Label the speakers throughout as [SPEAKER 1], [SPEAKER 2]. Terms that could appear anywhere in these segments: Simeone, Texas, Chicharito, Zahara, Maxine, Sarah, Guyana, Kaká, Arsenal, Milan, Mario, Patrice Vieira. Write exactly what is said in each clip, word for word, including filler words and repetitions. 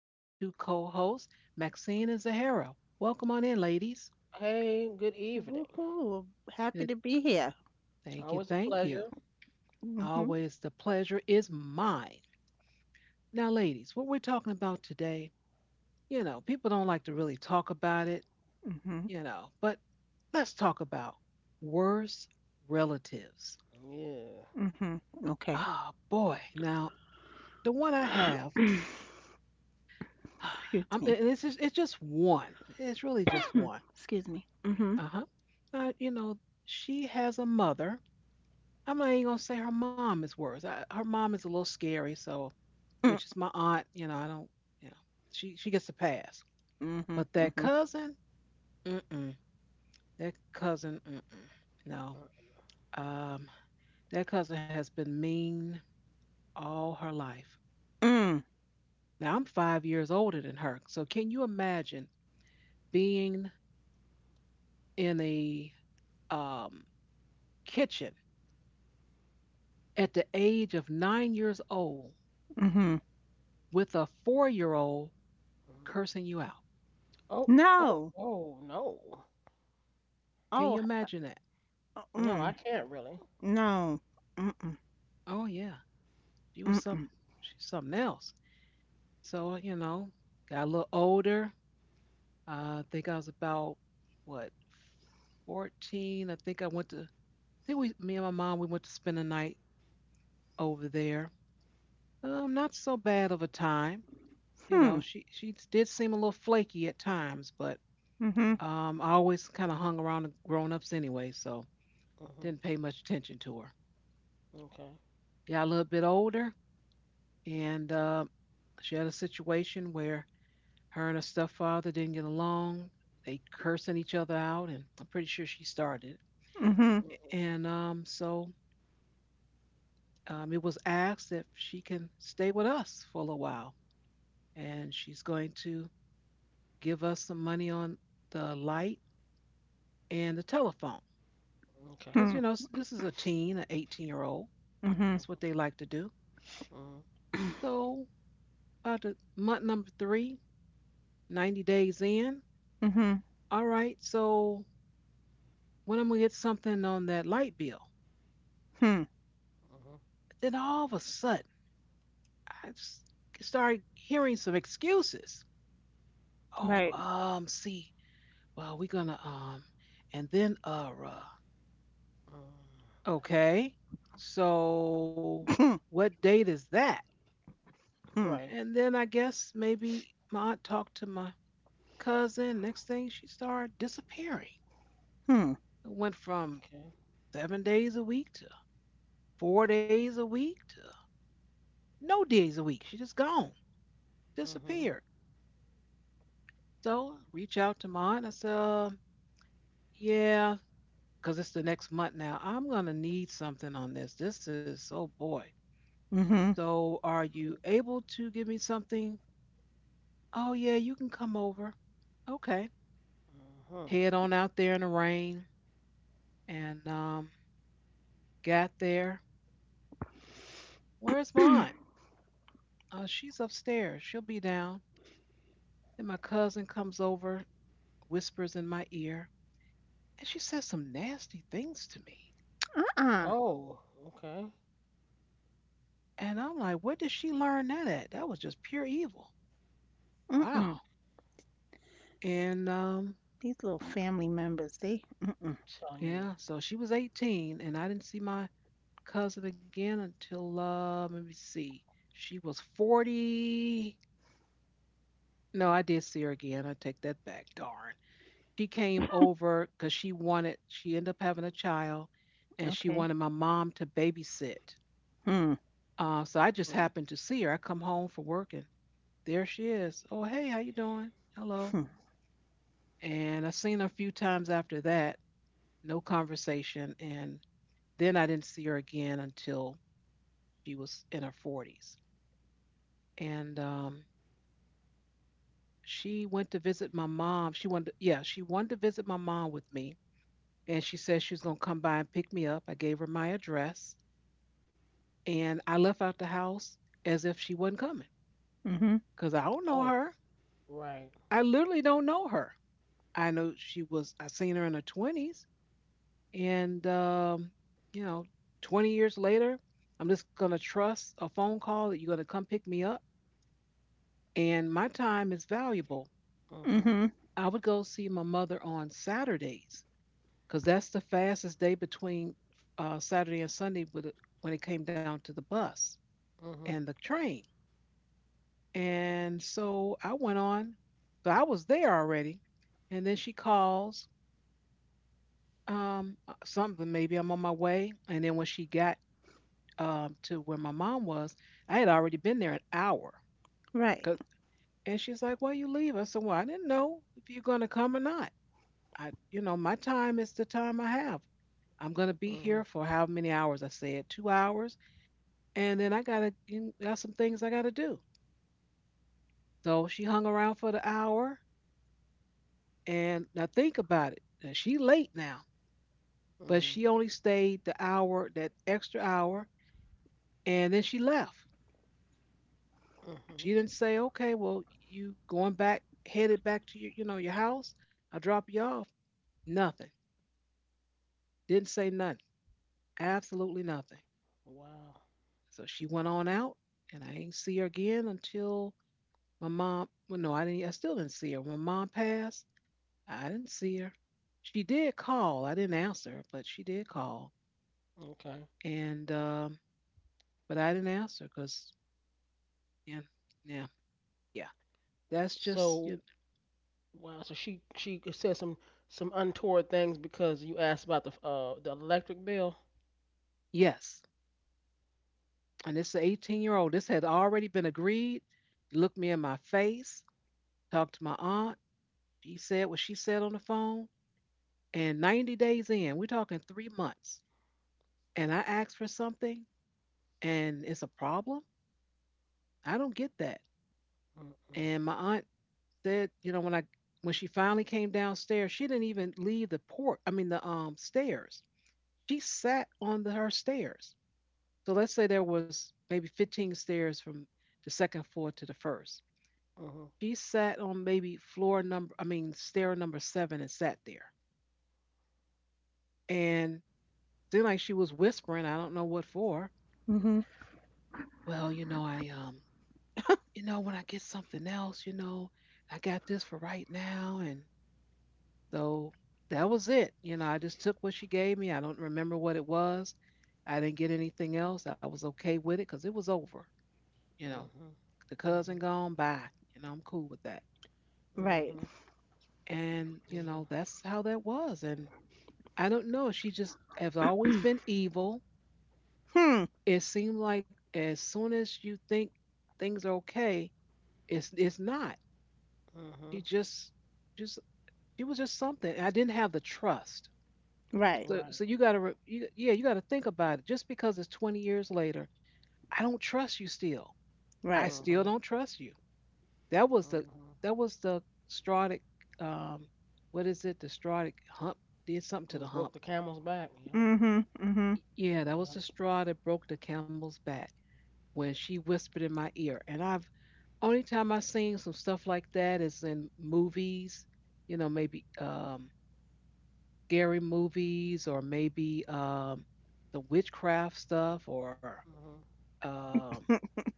[SPEAKER 1] with me two co hosts, Maxine and Zahara. Welcome on in, ladies.
[SPEAKER 2] Hey, good evening.
[SPEAKER 3] Woohoo! Happy
[SPEAKER 1] Good.
[SPEAKER 3] to be here.
[SPEAKER 1] Thank you.
[SPEAKER 2] Always a
[SPEAKER 1] Thank you.
[SPEAKER 2] pleasure.
[SPEAKER 3] Mm-hmm.
[SPEAKER 1] Always the pleasure is mine. Now, ladies, what we're talking about today, you know, people don't like to really talk about it,
[SPEAKER 3] Mm-hmm.
[SPEAKER 1] you know, but let's talk about worst relatives.
[SPEAKER 2] Yeah.
[SPEAKER 3] Mm-hmm. Okay.
[SPEAKER 1] Oh, boy. Now, the one I have,
[SPEAKER 3] Excuse
[SPEAKER 1] I'm,
[SPEAKER 3] me.
[SPEAKER 1] and it's just, it's just one. It's really just one.
[SPEAKER 3] Excuse me. Mm-hmm.
[SPEAKER 1] Uh-huh. Uh, you know, she has a mother. I'm not even gonna say her mom is worse. I, her mom is a little scary, so which
[SPEAKER 3] Mm,
[SPEAKER 1] is my aunt. You know, I don't. You know, she she gets a pass.
[SPEAKER 3] Mm-hmm.
[SPEAKER 1] But that
[SPEAKER 3] Mm-hmm.
[SPEAKER 1] cousin, mm-mm. That cousin, mm-mm. No,
[SPEAKER 2] Mm,
[SPEAKER 1] um, that cousin has been mean all her life.
[SPEAKER 3] Mm,
[SPEAKER 1] Now I'm five years older than her, so can you imagine being in a um kitchen at the age of nine years old
[SPEAKER 3] Mm-hmm.
[SPEAKER 1] with a four year old
[SPEAKER 2] mhm.
[SPEAKER 1] cursing you out.
[SPEAKER 2] Oh, oh,
[SPEAKER 3] No.
[SPEAKER 2] oh, no.
[SPEAKER 1] Can you
[SPEAKER 3] Oh.
[SPEAKER 1] imagine that?
[SPEAKER 3] uh,
[SPEAKER 2] No,
[SPEAKER 3] Mm.
[SPEAKER 2] I can't really.
[SPEAKER 3] No. Mm-mm.
[SPEAKER 1] Oh yeah, she was something.
[SPEAKER 3] Mm-mm.
[SPEAKER 1] She's something else. So uh, you know, got a little older. Uh, I think I was about what, fourteen. I think I went to. I think we, me and my mom, we went to spend a night over there. Um, not so bad of a time. You
[SPEAKER 3] Hmm.
[SPEAKER 1] know, she she did seem a little flaky at times, but
[SPEAKER 3] Mm-hmm.
[SPEAKER 2] Mm-hmm.
[SPEAKER 1] um, I always kind of hung around the grown ups anyway, so
[SPEAKER 2] Mm-hmm.
[SPEAKER 1] didn't pay much attention to her.
[SPEAKER 2] Okay.
[SPEAKER 1] Got a little bit older, and uh, she had a situation where her and her stepfather didn't get along. They cursing each other out, and I'm pretty sure she started.
[SPEAKER 3] Mm-hmm.
[SPEAKER 2] Hmm.
[SPEAKER 1] And um, so um, it was asked if she can stay with us for a little while, and she's going to give us some money on the light and the telephone
[SPEAKER 2] Okay.
[SPEAKER 1] because
[SPEAKER 3] Hmm.
[SPEAKER 1] you know s- this is a teen, an eighteen year old. That's
[SPEAKER 3] Mm-hmm.
[SPEAKER 1] what they like
[SPEAKER 2] Mm-hmm.
[SPEAKER 1] to do. So about the month number three, ninety days in.
[SPEAKER 3] Mm-hmm.
[SPEAKER 1] All right, so when I'm gonna get something on that light bill?
[SPEAKER 3] Hmm.
[SPEAKER 2] Mm-hmm.
[SPEAKER 1] Then all of a sudden, I s- started hearing some excuses. Oh,
[SPEAKER 3] Right.
[SPEAKER 2] Uh-oh.
[SPEAKER 1] um, see, well, we're gonna um, and then uh, uh,
[SPEAKER 2] Mm.
[SPEAKER 1] okay, so
[SPEAKER 3] Hmm.
[SPEAKER 1] what date is that?
[SPEAKER 2] Right.
[SPEAKER 1] And then I guess maybe my aunt talked to my cousin. Next thing, she started disappearing.
[SPEAKER 3] Hmm.
[SPEAKER 1] It went from
[SPEAKER 2] Okay.
[SPEAKER 1] seven days a week to four days a week to no days a week. She just gone,
[SPEAKER 2] Mm-hmm.
[SPEAKER 1] disappeared. So reach out to mine. I said, uh, yeah, because it's the next month now. I'm gonna need something on this. This is oh boy.
[SPEAKER 3] Hmm. Mm-hmm.
[SPEAKER 1] So are you able to give me something? Oh yeah, you can come over. Okay.
[SPEAKER 2] Mm-hmm.
[SPEAKER 1] Head on out there in the rain and um got there. Where's mine? Uh, she's upstairs. She'll be down. Then my cousin comes over, whispers in my ear, and she says some nasty things to me.
[SPEAKER 3] Uh-uh.
[SPEAKER 2] Oh, okay.
[SPEAKER 1] And I'm like, "Where did she learn that at? That was just pure evil. Wow."
[SPEAKER 3] Mm-mm.
[SPEAKER 1] And um,
[SPEAKER 3] These little family members, they. Mm-mm.
[SPEAKER 2] Telling you.
[SPEAKER 1] Yeah, so she was eighteen, and I didn't see my cousin again until, uh, let me see, she was forty. No, I did see her again. I take that back. Darn. She came over because she wanted. She ended up having a child, and she
[SPEAKER 3] Okay.
[SPEAKER 1] wanted my mom to babysit.
[SPEAKER 3] Hmm.
[SPEAKER 1] Uh, so I just
[SPEAKER 2] Mm.
[SPEAKER 1] happened to see her. I come home from work, and there she is. Oh, hey, how you doing? Hello.
[SPEAKER 3] Hmm.
[SPEAKER 1] And I seen her a few times after that, no conversation. And then I didn't see her again until she was in her forties. And um, She went to visit my mom. She wanted, to, yeah, she wanted to visit my mom with me. And she said she was going to come by and pick me up. I gave her my address. And I left out the house as if she wasn't coming
[SPEAKER 3] Mm-hmm.
[SPEAKER 1] because I don't know
[SPEAKER 2] Oh,
[SPEAKER 1] her.
[SPEAKER 2] right.
[SPEAKER 1] I literally don't know her. I know she was, I seen her in her twenties. And, um, you know, twenty years later, I'm just going to trust a phone call that you're going to come pick me up. And my time is valuable.
[SPEAKER 2] Mm-hmm.
[SPEAKER 3] Mhm.
[SPEAKER 1] I would go see my mother on Saturdays because that's the fastest day between uh, Saturday and Sunday with it- when it came down to the bus and
[SPEAKER 2] Mm-hmm.
[SPEAKER 1] the train. And so I went on. So I was there already. And then she calls um, uh, something, maybe I'm on my way. And then when she got um, to where my mom was, I had already been there an hour.
[SPEAKER 3] Right.
[SPEAKER 1] 'cause- and she's like, "Well, you leave." I said, "Well, I didn't know if you're going to come or not. I, you know, my time is the time I have. I'm going to be
[SPEAKER 2] Mm-hmm.
[SPEAKER 1] here for how many hours?" I said, two hours, and then I gotta got some things I gotta do. So she hung around for the hour, and now think about it. uh, She late now, but
[SPEAKER 2] Mm-hmm.
[SPEAKER 1] she only stayed the hour, that extra hour, and then she left. She didn't
[SPEAKER 2] Mm-hmm.
[SPEAKER 1] say, okay, well, you going back, headed back to your, you know, your house. I drop you off. Nothing. Didn't say nothing. Absolutely nothing.
[SPEAKER 2] Wow.
[SPEAKER 1] So she went on out and I ain't see her again until my mom, well, no, I didn't, I still didn't see her. When mom passed, I didn't see her. She did call. I didn't answer, but she did call.
[SPEAKER 2] Okay.
[SPEAKER 1] And, um, but I didn't answer because, yeah, yeah, yeah. That's just, you
[SPEAKER 2] So wow. So she she said some some untoward things because you asked about the uh the electric bill.
[SPEAKER 1] yes. And it's an eighteen year old. This had already been agreed. He looked me in my face, talked to my aunt. He said what she said on the phone. And ninety days in, we're talking three months, and I asked for something and it's a problem. I don't get that.
[SPEAKER 2] Mm mm.
[SPEAKER 1] And my aunt said, you know, when I when she finally came downstairs, she didn't even leave the port. I mean the um stairs. She sat on the, her stairs. So let's say there was maybe fifteen stairs from the second floor to the first.
[SPEAKER 2] Mhm.
[SPEAKER 1] She sat on maybe floor number, I mean, stair number seven and sat there. And then, like, she was whispering, I don't know what for.
[SPEAKER 3] Mhm.
[SPEAKER 1] Well, you know, I, um, you know, when I get something else, you know, I got this for right now. And so that was it. You know, I just took what she gave me. I don't remember what it was. I didn't get anything else. I was okay with it because it was over. You know,
[SPEAKER 2] Mhm.
[SPEAKER 1] the cousin
[SPEAKER 2] Mhm.
[SPEAKER 1] gone, bye. You know, I'm cool with that.
[SPEAKER 3] Right.
[SPEAKER 2] Mhm.
[SPEAKER 1] And, you
[SPEAKER 2] Yeah.
[SPEAKER 1] know, that's how that was. And I don't know. She just has always been evil.
[SPEAKER 3] Hmm.
[SPEAKER 1] It seemed like as soon as you think things are okay, it's it's not. She
[SPEAKER 2] Mhm.
[SPEAKER 1] just just she was just something. I didn't have the trust.
[SPEAKER 3] Right.
[SPEAKER 1] So
[SPEAKER 2] Right.
[SPEAKER 1] so you gotta re- you, yeah you gotta think about it. Just because it's twenty years later, I don't trust you still. I
[SPEAKER 3] Right.
[SPEAKER 1] still
[SPEAKER 2] Mhm.
[SPEAKER 1] don't trust you. That was the
[SPEAKER 2] Mhm.
[SPEAKER 1] that was the straw that um what is it? The straw that hump did something to
[SPEAKER 2] You
[SPEAKER 1] the
[SPEAKER 2] broke
[SPEAKER 1] hump.
[SPEAKER 2] the camel's back. Yep.
[SPEAKER 3] Mhm. Mhm.
[SPEAKER 1] Yeah, that was
[SPEAKER 2] Yep.
[SPEAKER 1] the straw that broke the camel's back when she whispered in my ear. And I've only time I've seen some stuff like that is in movies, you know, maybe um, scary movies or maybe um, the witchcraft stuff or
[SPEAKER 2] Mhm.
[SPEAKER 1] um,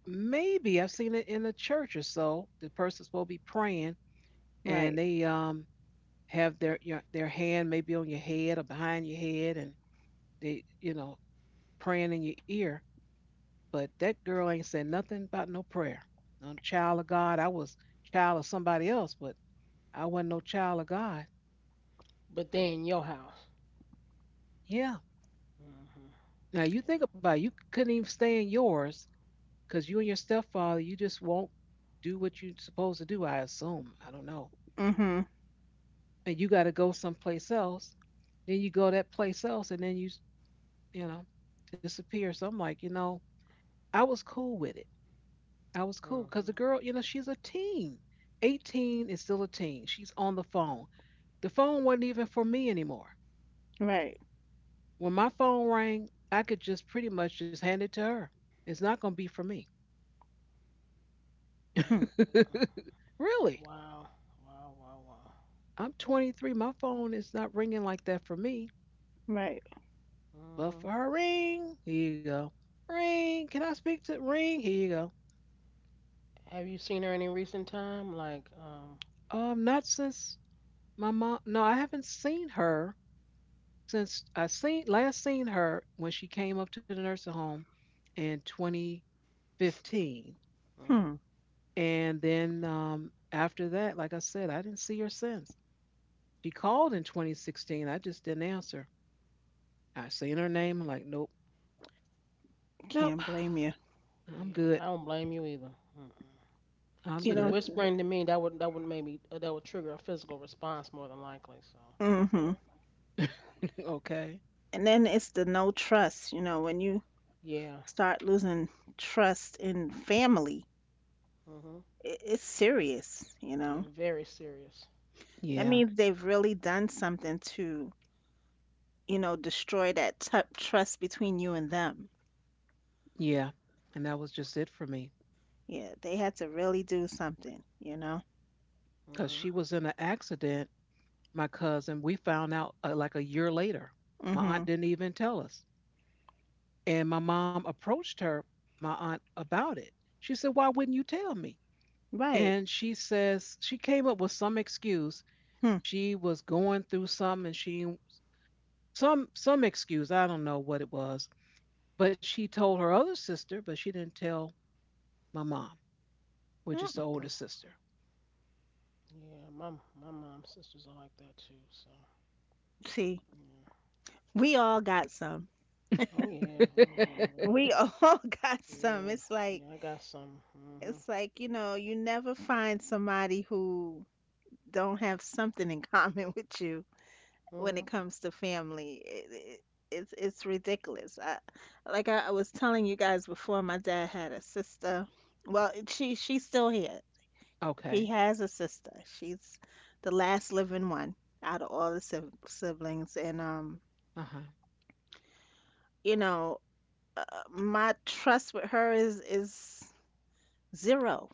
[SPEAKER 1] maybe I've seen it in a church or so. The person's supposed to be praying and
[SPEAKER 3] Right.
[SPEAKER 1] they um, have their your, their hand maybe on your head or behind your head and they you know praying in your ear. But that girl ain't said nothing about no prayer. No child of God. I was child of somebody else, but I wasn't no child of God.
[SPEAKER 2] But they in your house.
[SPEAKER 1] Yeah.
[SPEAKER 2] Mhm.
[SPEAKER 1] Now you
[SPEAKER 2] Yeah.
[SPEAKER 1] think about it, you couldn't even stay in yours because you and your stepfather, you just won't do what you're supposed to do, I assume. I don't know.
[SPEAKER 3] Mhm.
[SPEAKER 1] And you got to go someplace else. Then you go that place else and then you, you know, disappear. So I'm like, you know, I was cool with it. I was cool because the
[SPEAKER 2] Mhm.
[SPEAKER 1] girl, you know, she's a teen. eighteen is still a teen. She's on the phone. The phone wasn't even for me anymore.
[SPEAKER 3] Right.
[SPEAKER 1] When my phone rang, I could just pretty much just hand it to her. It's not going to be for me.
[SPEAKER 3] Hmm.
[SPEAKER 2] Mm.
[SPEAKER 1] Really?
[SPEAKER 2] Wow. Wow. Wow. Wow.
[SPEAKER 1] I'm twenty-three. My phone is not ringing like that for me.
[SPEAKER 3] Right.
[SPEAKER 1] But
[SPEAKER 2] Mhm.
[SPEAKER 1] for her, ring. Here you go. Ring. Can I speak to ring? Here you go.
[SPEAKER 2] Have you seen her any recent time? Like,
[SPEAKER 1] Um, not since my mom. No, I haven't seen her since I seen last seen her when she came up to the nursing home in twenty fifteen.
[SPEAKER 2] um.
[SPEAKER 3] Hmm.
[SPEAKER 1] And then um, after that, like I said, I didn't see her since. She called in twenty sixteen. I just didn't answer. I seen her name. I'm like, nope, nope.
[SPEAKER 3] Can't blame you.
[SPEAKER 1] I'm
[SPEAKER 2] Yeah,
[SPEAKER 1] good.
[SPEAKER 2] I don't blame you either. Mm-mm.
[SPEAKER 1] I'm
[SPEAKER 2] See,
[SPEAKER 3] You
[SPEAKER 2] the
[SPEAKER 3] know.
[SPEAKER 1] good.
[SPEAKER 2] whispering to me, that would, that would make me uh, that would trigger a physical response more than likely. So
[SPEAKER 3] Mhm.
[SPEAKER 1] Okay.
[SPEAKER 3] And then it's the no trust. You know, when you
[SPEAKER 2] yeah,
[SPEAKER 3] start losing trust in family,
[SPEAKER 2] mhm,
[SPEAKER 3] I it's serious. You
[SPEAKER 2] yeah,
[SPEAKER 3] know,
[SPEAKER 2] very serious.
[SPEAKER 3] that
[SPEAKER 1] Yeah.
[SPEAKER 3] means they've really done something to, you know, destroy that t- trust between you and them.
[SPEAKER 1] Yeah. And that was just it for me
[SPEAKER 3] Yeah, they had to really do something. You know.
[SPEAKER 1] because
[SPEAKER 2] Mhm,
[SPEAKER 1] she was in an accident. My cousin, we found out uh, like a year later. My
[SPEAKER 3] Mm-hmm.
[SPEAKER 1] aunt didn't even tell us. And my mom approached her, my aunt, about it. She said, "Why wouldn't you tell me?"
[SPEAKER 3] Right.
[SPEAKER 1] And she says, she came up with some excuse.
[SPEAKER 3] Hmm.
[SPEAKER 1] She was going through something and she some some excuse, I don't know what it was, but she told her other sister, but she didn't tell my mom, which is the
[SPEAKER 3] Mm.
[SPEAKER 1] older sister.
[SPEAKER 2] yeah. My my mom's sisters are like that too. So
[SPEAKER 3] See,
[SPEAKER 2] yeah.
[SPEAKER 3] we all got some.
[SPEAKER 2] Oh yeah, oh yeah. But
[SPEAKER 3] We
[SPEAKER 2] uh,
[SPEAKER 3] all got some.
[SPEAKER 2] yeah,
[SPEAKER 3] It's like
[SPEAKER 2] yeah. I got some. Mhm,
[SPEAKER 3] it's like, you know, you never find somebody who don't have something in common with you when it
[SPEAKER 2] mhm,
[SPEAKER 3] comes to family. It, it, it's it's ridiculous. I, like I, I was telling you guys before, my dad had a sister. Well, she she's still here.
[SPEAKER 1] Okay.
[SPEAKER 3] He has a sister. She's the last living one out of all the sib- siblings, and um,
[SPEAKER 1] Uh-huh.
[SPEAKER 3] you know, uh, my trust with her is is zero.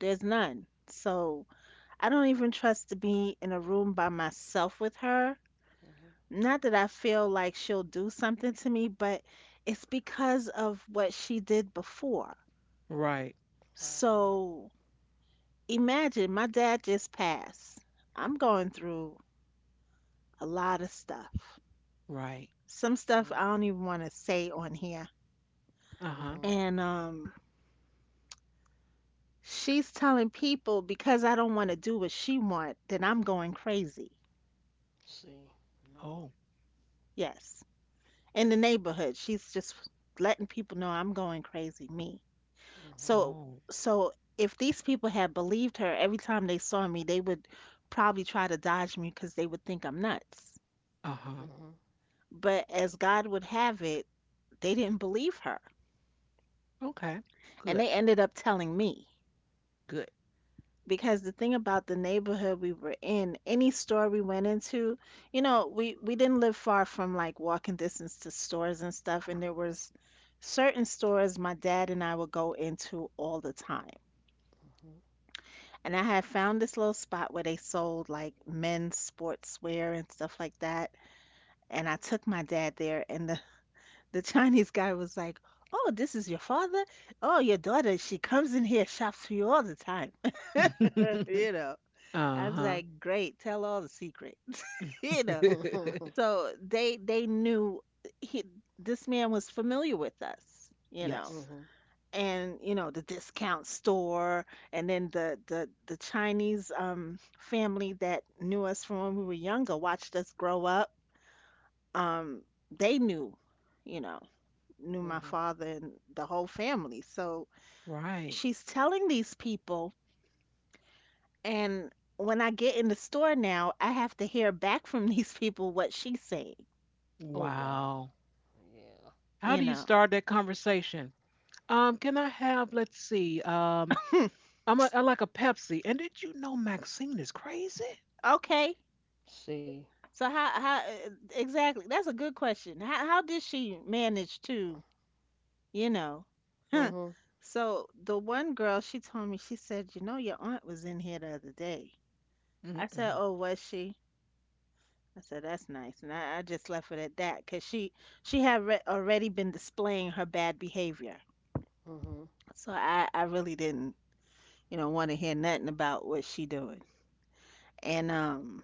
[SPEAKER 3] There's none. So I don't even trust to be in a room by myself with her.
[SPEAKER 2] mhm.
[SPEAKER 3] Not that I feel like she'll do something to me, but it's because of what she did before.
[SPEAKER 1] Right.
[SPEAKER 2] Right. Yeah.
[SPEAKER 3] So imagine my dad just passed. I'm going through a lot of stuff.
[SPEAKER 1] Right.
[SPEAKER 3] Some stuff
[SPEAKER 2] Mhm,
[SPEAKER 3] I don't even want to say on here.
[SPEAKER 1] Uh-huh.
[SPEAKER 2] mhm.
[SPEAKER 3] And um she's telling people because I don't want to do what she want then I'm going crazy.
[SPEAKER 2] See. No.
[SPEAKER 1] Oh.
[SPEAKER 3] Yes. In the neighborhood, she's just letting people know I'm going crazy, me.
[SPEAKER 2] Mhm,
[SPEAKER 3] So
[SPEAKER 1] Oh.
[SPEAKER 3] so if these people had believed her every time they saw me, they would probably try to dodge me because they would think I'm nuts.
[SPEAKER 1] Uh-huh.
[SPEAKER 3] But as God would have it, they didn't believe her,
[SPEAKER 1] Okay.
[SPEAKER 3] and
[SPEAKER 1] Good.
[SPEAKER 3] they ended up telling me.
[SPEAKER 1] Good.
[SPEAKER 3] Because the thing about the neighborhood we were in, any store we went into, you know, we we didn't live far from, like, walking distance to stores and stuff, and there was certain stores my dad and I would go into all the time.
[SPEAKER 2] mhm,
[SPEAKER 3] And I had found this little spot where they sold, like, men's sportswear and stuff like that, and I took my dad there, and the the Chinese guy was like, "Oh, this is your father? Oh, your daughter, she comes in here, shops for you all the time." You know. I was
[SPEAKER 1] uh-huh.
[SPEAKER 3] like, "Great, tell all the secret," you know.
[SPEAKER 2] mhm.
[SPEAKER 3] So they they knew he this man was familiar with us, you know,
[SPEAKER 1] Yes.
[SPEAKER 2] Mhm,
[SPEAKER 3] and you know, the discount store, and then the the the Chinese um family that knew us from when we were younger, watched us grow up. Um, they knew, you know, knew my
[SPEAKER 2] mhm.
[SPEAKER 3] father and the whole family. So
[SPEAKER 1] Right.
[SPEAKER 3] she's telling these people. And when I get in the store now, I have to hear back from these people what she's saying,
[SPEAKER 2] Oh wow.
[SPEAKER 1] Wow.
[SPEAKER 2] Yeah.
[SPEAKER 1] How
[SPEAKER 3] you
[SPEAKER 1] do you
[SPEAKER 3] know.
[SPEAKER 1] start that conversation? Um, can I have, let's see, um, I'm a I like a Pepsi, and did you know Maxine is crazy?
[SPEAKER 3] Okay.
[SPEAKER 2] See.
[SPEAKER 3] So how how uh, exactly? That's a good question. How how did she manage to, you know?
[SPEAKER 2] Mhm.
[SPEAKER 3] So the one girl, she told me, she said, "You know, your aunt was in here the other day." I said,
[SPEAKER 1] Mm-mm.
[SPEAKER 3] "Oh, was she?" I said, "That's nice." And I, I just left it at that because she she had re already been displaying her bad behavior.
[SPEAKER 2] Mhm.
[SPEAKER 3] So I I really didn't, you know, want to hear nothing about what she doing. And um,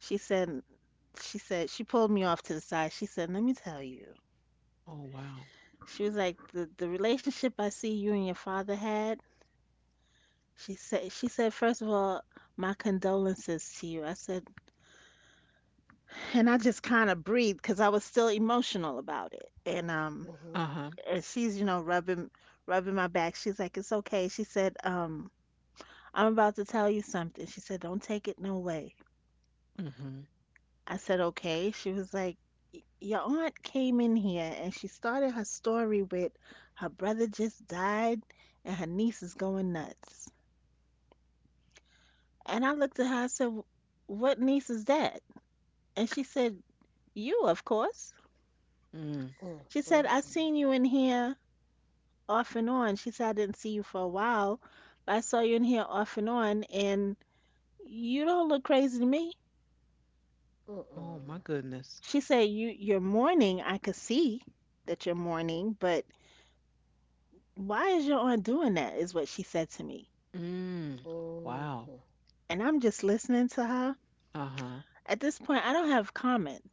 [SPEAKER 3] she said, she said, she pulled me off to the side. She said, "Let me tell you."
[SPEAKER 1] Oh, wow.
[SPEAKER 3] She was like, the, The relationship I see you and your father had." She said, she said, "First of all, my condolences to you." I said, and I just kind of breathed because I was still emotional about it. And um,
[SPEAKER 2] Mhm.
[SPEAKER 1] Uh-huh.
[SPEAKER 3] and she's, you know, rubbing, rubbing my back. She's like, "It's okay." She said, um, "I'm about to tell you something." She said, "Don't take it no way."
[SPEAKER 1] mm Mhm.
[SPEAKER 3] I said, "Okay." She was like, "Y- Your aunt came in here and she started her story with her brother just died and her niece is going nuts." And I looked at her, I said, "Wh- What niece is that?" And she said, "You, of course."
[SPEAKER 1] Mm.
[SPEAKER 2] Uh.
[SPEAKER 3] She said,
[SPEAKER 2] Mm.
[SPEAKER 3] "I seen you in here off and on." She said, "I didn't see you for a while, but I saw you in here off and on, and you don't look crazy to me."
[SPEAKER 2] Uh
[SPEAKER 1] Oh,
[SPEAKER 2] uh.
[SPEAKER 1] my goodness.
[SPEAKER 3] She said, "You, you're mourning. I could see that you're mourning, but why is your aunt doing that?" Is what she said to me.
[SPEAKER 1] Mm.
[SPEAKER 2] Uh. Mhm.
[SPEAKER 1] Wow.
[SPEAKER 3] And I'm just listening to her.
[SPEAKER 1] Uh-huh.
[SPEAKER 3] At this point, I don't have comment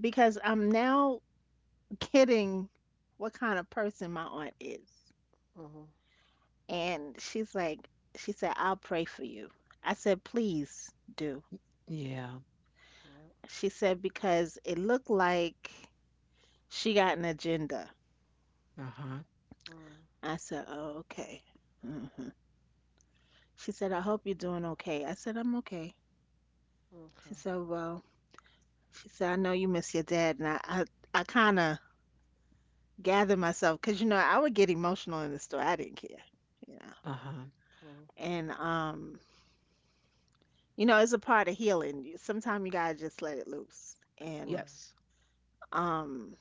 [SPEAKER 3] because I'm now getting what kind of person my aunt is.
[SPEAKER 2] Mhm.
[SPEAKER 3] And she's like, she said, "I'll pray for you." I said, "Please do."
[SPEAKER 1] Yeah.
[SPEAKER 2] Yep.
[SPEAKER 3] She said, "Because it looked like she got an agenda."
[SPEAKER 1] Uh-huh.
[SPEAKER 2] Mm.
[SPEAKER 3] I said, "Oh, okay." hmm She said, "I hope you're doing
[SPEAKER 2] Mm.
[SPEAKER 3] okay." I said, "I'm okay."
[SPEAKER 2] Mm. Okay.
[SPEAKER 3] She said, "Well," she said, "I know you miss your dad." And I, I, I kind of gather myself because you know I would get emotional in the store. I didn't care, you know.
[SPEAKER 1] Uh-huh.
[SPEAKER 2] Mhm.
[SPEAKER 3] And um, you know, it's a part of healing. Sometimes you gotta just let it loose. And
[SPEAKER 2] Right.
[SPEAKER 1] Yes.
[SPEAKER 3] um,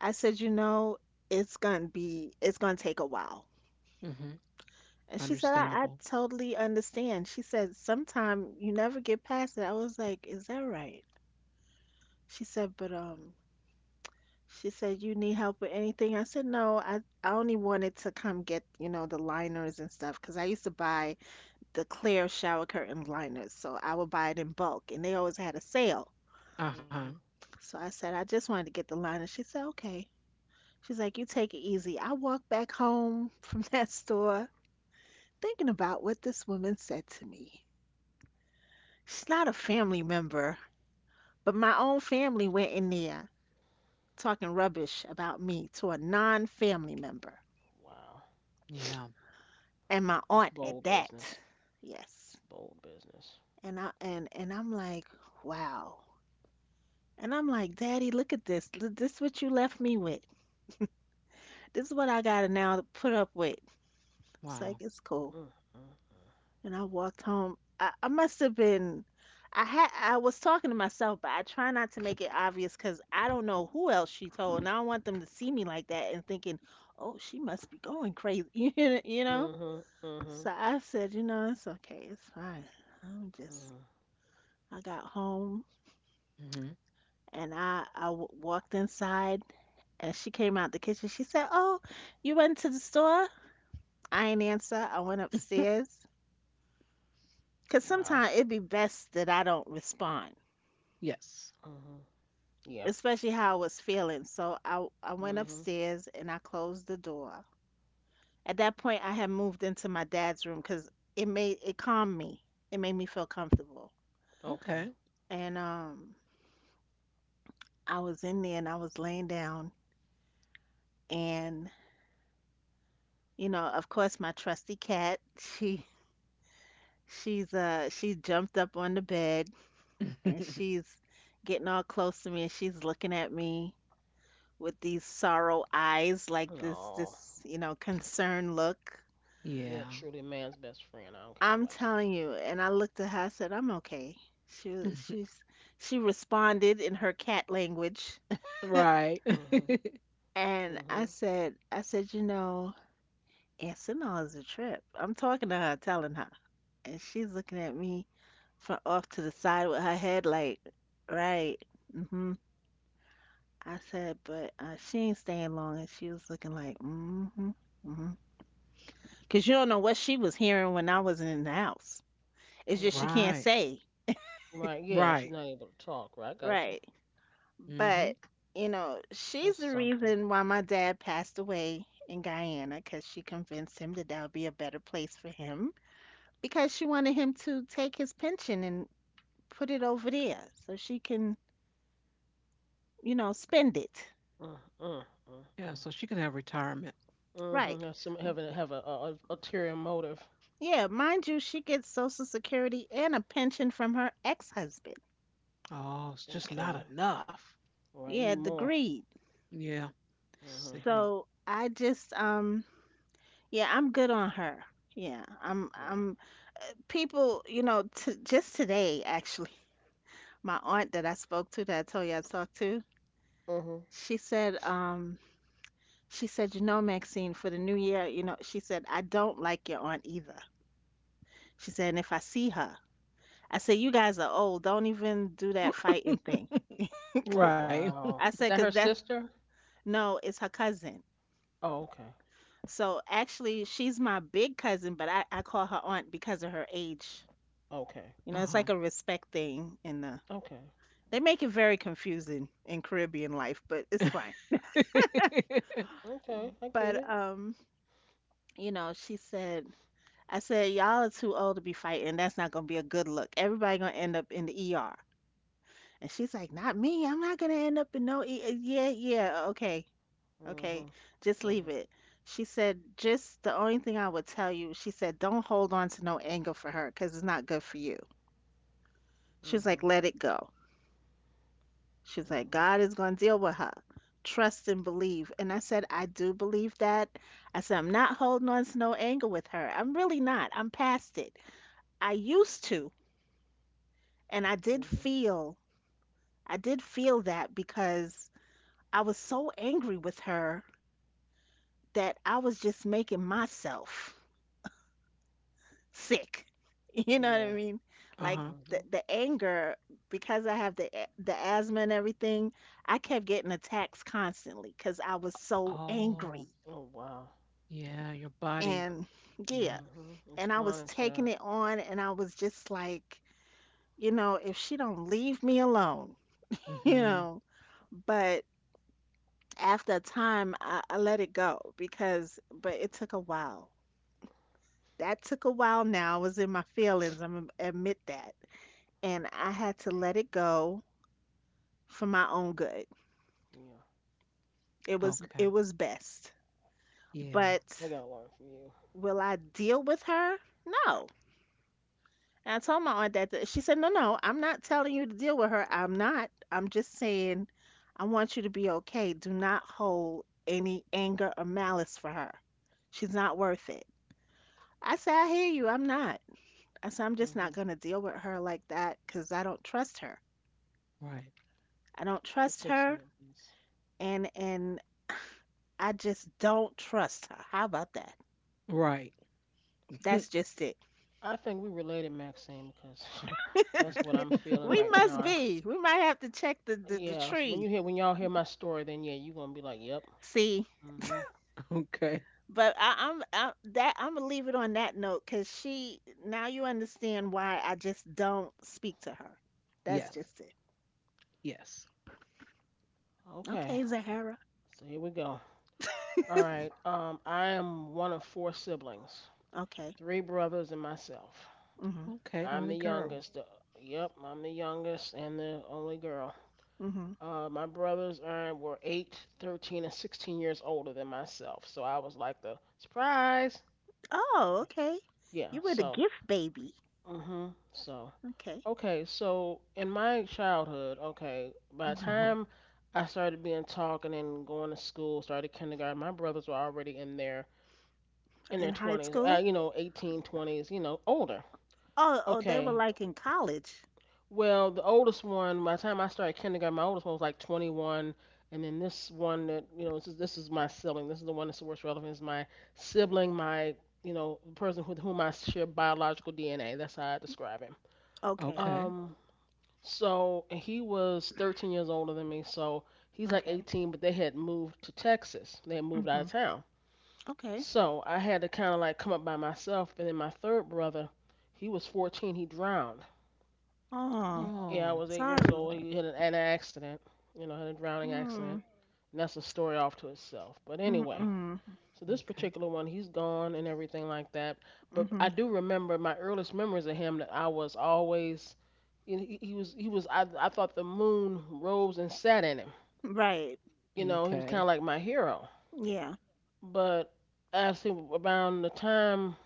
[SPEAKER 3] I said, you know, it's gonna be, it's gonna take a while.
[SPEAKER 1] mm Mhm.
[SPEAKER 3] And she said, I, I
[SPEAKER 1] Understandable.
[SPEAKER 3] totally understand. She said, "Sometime you never get past it." I was like, "Is that right?" She said, but um, she said, "You need help with anything?" I said, "No, I, I only wanted to come get, you know, the liners and stuff because I used to buy the clear shower curtain liners. So I would buy it in bulk, and they always had a sale."
[SPEAKER 2] Mhm.
[SPEAKER 1] Uh-huh.
[SPEAKER 3] So I said, "I just wanted to get the liner." She said, "Okay." She's like, "You take it easy." I walked back home from that store thinking about what this woman said to me. She's not a family member, but my own family went in there talking rubbish about me to a non family member.
[SPEAKER 2] Wow.
[SPEAKER 1] Yeah.
[SPEAKER 3] And my
[SPEAKER 2] It's
[SPEAKER 3] aunt at
[SPEAKER 2] bold business.
[SPEAKER 3] that.
[SPEAKER 2] It's
[SPEAKER 3] Yes.
[SPEAKER 2] bold business.
[SPEAKER 3] And I and and I'm like, "Wow." And I'm like, "Daddy, look at this. Th- This is what you left me with. This is what I gotta now put up with. It's like
[SPEAKER 1] Wow.
[SPEAKER 3] it's cool."
[SPEAKER 2] Mm. Mm.
[SPEAKER 3] And I walked home. I, I must have been. I had. I was talking to myself, but I try not to make it obvious because I don't know who else she told, and I don't want them to see me like that and thinking, "Oh, she must be going crazy," you know. You know?
[SPEAKER 2] Mhm. Mhm.
[SPEAKER 3] So I said, "You know, it's okay. It's fine. I'm just."
[SPEAKER 2] Mhm.
[SPEAKER 3] I got home
[SPEAKER 1] mm Mhm.
[SPEAKER 3] and I I w- walked inside, and she came out the kitchen. She said, "Oh, you went to the store?" I ain't answer. I went upstairs. Cause
[SPEAKER 2] Wow.
[SPEAKER 3] sometimes it'd be best that I don't respond,
[SPEAKER 1] Yes.
[SPEAKER 2] Mhm. Yeah.
[SPEAKER 3] especially how I was feeling. So I I went
[SPEAKER 2] Mhm.
[SPEAKER 3] upstairs and I closed the door. At that point, I had moved into my dad's room because it made it calmed me. It made me feel comfortable.
[SPEAKER 2] Okay.
[SPEAKER 1] Okay.
[SPEAKER 3] And um, I was in there and I was laying down, and, you know, of course, my trusty cat. She she's uh she jumped up on the bed, and she's getting all close to me, and she's looking at me with these sorrow eyes, like this,
[SPEAKER 2] No.
[SPEAKER 3] this, you know, concerned look.
[SPEAKER 2] Yeah, they are
[SPEAKER 1] Yeah.
[SPEAKER 2] truly man's best friend. I don't care what
[SPEAKER 3] I'm
[SPEAKER 2] nobody say.
[SPEAKER 3] telling you. And I looked at her, I said, "I'm okay." She, was-
[SPEAKER 1] mhm.
[SPEAKER 3] she's, she responded in her cat language.
[SPEAKER 2] Mhm.
[SPEAKER 1] Right.
[SPEAKER 2] Mhm.
[SPEAKER 3] And I said, I said, you know, Arsenal is a trip. I'm talking to her, telling her. And she's looking at me from off to the side with her head like, right. hmm I said, but uh, she ain't staying long. And she was looking like, mm-hmm, mm-hmm. Cause you don't know what she was hearing when I wasn't in the house. It's just she
[SPEAKER 2] Hmm.
[SPEAKER 3] can't
[SPEAKER 1] Right.
[SPEAKER 3] say.
[SPEAKER 2] Right. Yeah. She's
[SPEAKER 1] Right.
[SPEAKER 2] not able to talk. Right. I got you.
[SPEAKER 3] Right.
[SPEAKER 1] Mm-hmm.
[SPEAKER 3] But, you know, she's
[SPEAKER 2] That's
[SPEAKER 3] the
[SPEAKER 2] something.
[SPEAKER 3] reason why my dad passed away in Guyana because she convinced him that that would be a better place for him because she wanted him to take his pension and put it over there so she can, you know, spend it.
[SPEAKER 2] Mm, mm,
[SPEAKER 1] Yeah,
[SPEAKER 2] mm,
[SPEAKER 1] so she can have retirement.
[SPEAKER 2] mm. Hmm.
[SPEAKER 3] Right.
[SPEAKER 2] That's some having have a, a, a ulterior motive.
[SPEAKER 3] Yeah, mind you, she gets Social Security and a pension from her ex-husband.
[SPEAKER 1] Oh, it's just
[SPEAKER 2] Okay.
[SPEAKER 1] not enough.
[SPEAKER 2] Right.
[SPEAKER 3] Yeah,
[SPEAKER 2] Need
[SPEAKER 3] the
[SPEAKER 2] more.
[SPEAKER 3] greed.
[SPEAKER 1] Yeah,
[SPEAKER 2] Hmm.
[SPEAKER 1] sickening.
[SPEAKER 3] So I just um yeah, I'm good on her. Yeah, I'm
[SPEAKER 2] Yeah.
[SPEAKER 3] I'm people, you know, t just today actually, my aunt that I spoke to that I told you I talked to,
[SPEAKER 2] Hmm.
[SPEAKER 3] she said, um, she said, you know, "Maxine, for the new year," you know, she said, "I don't like your aunt either." She said, and if I see her, I said, you guys are old. Don't even do that fighting thing.
[SPEAKER 2] Oh
[SPEAKER 1] Right.
[SPEAKER 2] wow.
[SPEAKER 3] I
[SPEAKER 2] Is that
[SPEAKER 3] said,
[SPEAKER 2] her
[SPEAKER 3] 'cause that
[SPEAKER 2] sister?
[SPEAKER 3] no, it's her cousin.
[SPEAKER 2] Oh okay.
[SPEAKER 3] So actually, she's my big cousin, but I I call her aunt because of her age.
[SPEAKER 2] Okay.
[SPEAKER 3] You know, it's
[SPEAKER 1] Uh-huh.
[SPEAKER 3] like a respect thing in the.
[SPEAKER 2] Okay.
[SPEAKER 3] They make it very confusing in Caribbean life, but it's fine.
[SPEAKER 2] Okay. I get
[SPEAKER 3] But
[SPEAKER 2] it.
[SPEAKER 3] um, you know, she said, I said, y'all are too old to be fighting. That's not gonna be a good look. Everybody gonna end up in the E R. And she's like, not me. I'm not gonna end up in no E. uh, Yeah, yeah, okay,
[SPEAKER 2] Hmm.
[SPEAKER 3] okay. Just leave
[SPEAKER 2] Hmm.
[SPEAKER 3] it. She said, just the only thing I would tell you, she said, don't hold on to no anger for her, 'cause it's not good for you. She was
[SPEAKER 2] Hmm.
[SPEAKER 3] like, let it go. She's like,
[SPEAKER 2] Hmm.
[SPEAKER 3] God is going to deal with her. Trust and believe. And I said, I do believe that. I said, I'm not holding on to no anger with her. I'm really not. I'm past it. I used to. And I did
[SPEAKER 2] Hmm.
[SPEAKER 3] feel, I did feel that because I was so angry with her that I was just making myself sick. You know what
[SPEAKER 2] Yeah.
[SPEAKER 3] I mean? Like
[SPEAKER 1] Uh-huh.
[SPEAKER 3] the,
[SPEAKER 2] Hmm.
[SPEAKER 3] the anger, because I have the, the asthma and everything, I kept getting attacks constantly because I was so
[SPEAKER 1] Oh,
[SPEAKER 3] angry.
[SPEAKER 2] Oh wow.
[SPEAKER 1] yeah, your body.
[SPEAKER 3] And
[SPEAKER 1] Yeah.
[SPEAKER 3] yeah,
[SPEAKER 2] Hmm.
[SPEAKER 3] and I was
[SPEAKER 2] Responding to
[SPEAKER 3] taking
[SPEAKER 2] that.
[SPEAKER 3] it on and I was just like, you know, if she don't leave me alone, you
[SPEAKER 2] Hmm.
[SPEAKER 1] Mm-hmm.
[SPEAKER 3] know, but after a time I, I let it go because but it took a while. That took a while now. I was in my feelings, I'm gonna admit that. And I had to let it go for my own good.
[SPEAKER 2] Yeah.
[SPEAKER 3] It was
[SPEAKER 1] Okay.
[SPEAKER 3] it was best.
[SPEAKER 1] Yeah.
[SPEAKER 3] But
[SPEAKER 2] I gotta learn from you.
[SPEAKER 3] will I deal with her? No. And I told my aunt that that- she said, no, no, I'm not telling you to deal with her. I'm not. I'm just saying I want you to be okay. Do not hold any anger or malice for her. She's not worth it. I said, I hear you. I'm not. I said, I'm just not
[SPEAKER 2] Mm-hmm.
[SPEAKER 3] going to deal with her like that because I don't trust her.
[SPEAKER 1] Right.
[SPEAKER 3] I don't
[SPEAKER 2] It
[SPEAKER 3] trust
[SPEAKER 2] takes a
[SPEAKER 3] her.
[SPEAKER 2] minute. Yes.
[SPEAKER 3] And, and I just don't trust her. How about that?
[SPEAKER 1] Right.
[SPEAKER 3] That's just it.
[SPEAKER 2] I think we related, Maxine, because that's what I'm feeling
[SPEAKER 3] We
[SPEAKER 2] right now.
[SPEAKER 3] must
[SPEAKER 2] I s
[SPEAKER 3] be. We might have to check the, the, the
[SPEAKER 2] Yeah. So when you
[SPEAKER 3] tree.
[SPEAKER 2] hear, when y'all hear my story, then yeah, you are gonna be like, yep.
[SPEAKER 3] See,
[SPEAKER 2] Mm-hmm.
[SPEAKER 1] okay.
[SPEAKER 3] but I, I'm I, that I'm gonna leave it on that note because she now you understand why I just don't speak to her. That's
[SPEAKER 2] Right.
[SPEAKER 1] Yes.
[SPEAKER 3] just it.
[SPEAKER 1] Yes.
[SPEAKER 2] Okay.
[SPEAKER 3] Okay, Zahara.
[SPEAKER 2] So here we go. All right. Um, I am one of four siblings,
[SPEAKER 3] Okay.
[SPEAKER 2] three brothers and myself.
[SPEAKER 3] Mhm.
[SPEAKER 1] Okay, the
[SPEAKER 2] I'm the
[SPEAKER 1] only girl.
[SPEAKER 2] youngest. The, Yep, I'm the youngest and the only girl.
[SPEAKER 3] Mhm.
[SPEAKER 2] Uh, my brothers are, were eight, thirteen, and sixteen years older than myself. So I was like the surprise.
[SPEAKER 3] Oh,
[SPEAKER 2] Okay.
[SPEAKER 3] okay.
[SPEAKER 2] Yeah,
[SPEAKER 3] You were the
[SPEAKER 2] so
[SPEAKER 3] gift baby.
[SPEAKER 2] hmm. So,
[SPEAKER 3] Okay.
[SPEAKER 2] okay, so in my childhood, okay, by the
[SPEAKER 3] Mhm.
[SPEAKER 1] Uh-huh.
[SPEAKER 2] time I started being talking and going to school, started kindergarten, my brothers were already in their in
[SPEAKER 3] In
[SPEAKER 2] their
[SPEAKER 3] high
[SPEAKER 2] twenties, uh,
[SPEAKER 3] school?
[SPEAKER 2] you know, eighteen twenties. You know, older.
[SPEAKER 3] Oh, oh, they were
[SPEAKER 2] Okay.
[SPEAKER 3] like in college.
[SPEAKER 2] Well, the oldest one, by the time I started kindergarten, my oldest one was like twenty-one, and then this one that, you know, this is this is my sibling. This is the one that's the worst relevant is my sibling, my, you know, the person with whom I share biological D N A. That's how I describe him.
[SPEAKER 3] Okay.
[SPEAKER 1] Okay.
[SPEAKER 2] Um, So and he was thirteen years older than me. So he's like
[SPEAKER 3] Okay.
[SPEAKER 2] eighteen, but they had moved to Texas. They had moved out of
[SPEAKER 3] Mhm.
[SPEAKER 2] town.
[SPEAKER 3] Okay.
[SPEAKER 2] So I had to kind of like come up by myself. And then my third brother, he was fourteen. He drowned.
[SPEAKER 3] Oh,
[SPEAKER 2] Yeah, I
[SPEAKER 1] Oh.
[SPEAKER 2] was eight years
[SPEAKER 3] sorry.
[SPEAKER 2] old. He had an, an accident. You know, had a drowning accident.
[SPEAKER 3] Mm.
[SPEAKER 2] And that's a story off to itself. But
[SPEAKER 3] Mm.
[SPEAKER 2] anyway,
[SPEAKER 3] Mm.
[SPEAKER 2] so this
[SPEAKER 1] Okay.
[SPEAKER 2] particular one, he's gone and everything like that. But I
[SPEAKER 3] Mhm.
[SPEAKER 2] do remember my earliest memories of him that I was always, you know, he, he was he was I I thought the moon rose and sat in him.
[SPEAKER 3] Right.
[SPEAKER 2] You know, he was
[SPEAKER 1] Okay.
[SPEAKER 2] kind of like my hero.
[SPEAKER 3] Yeah.
[SPEAKER 2] But as he, around the time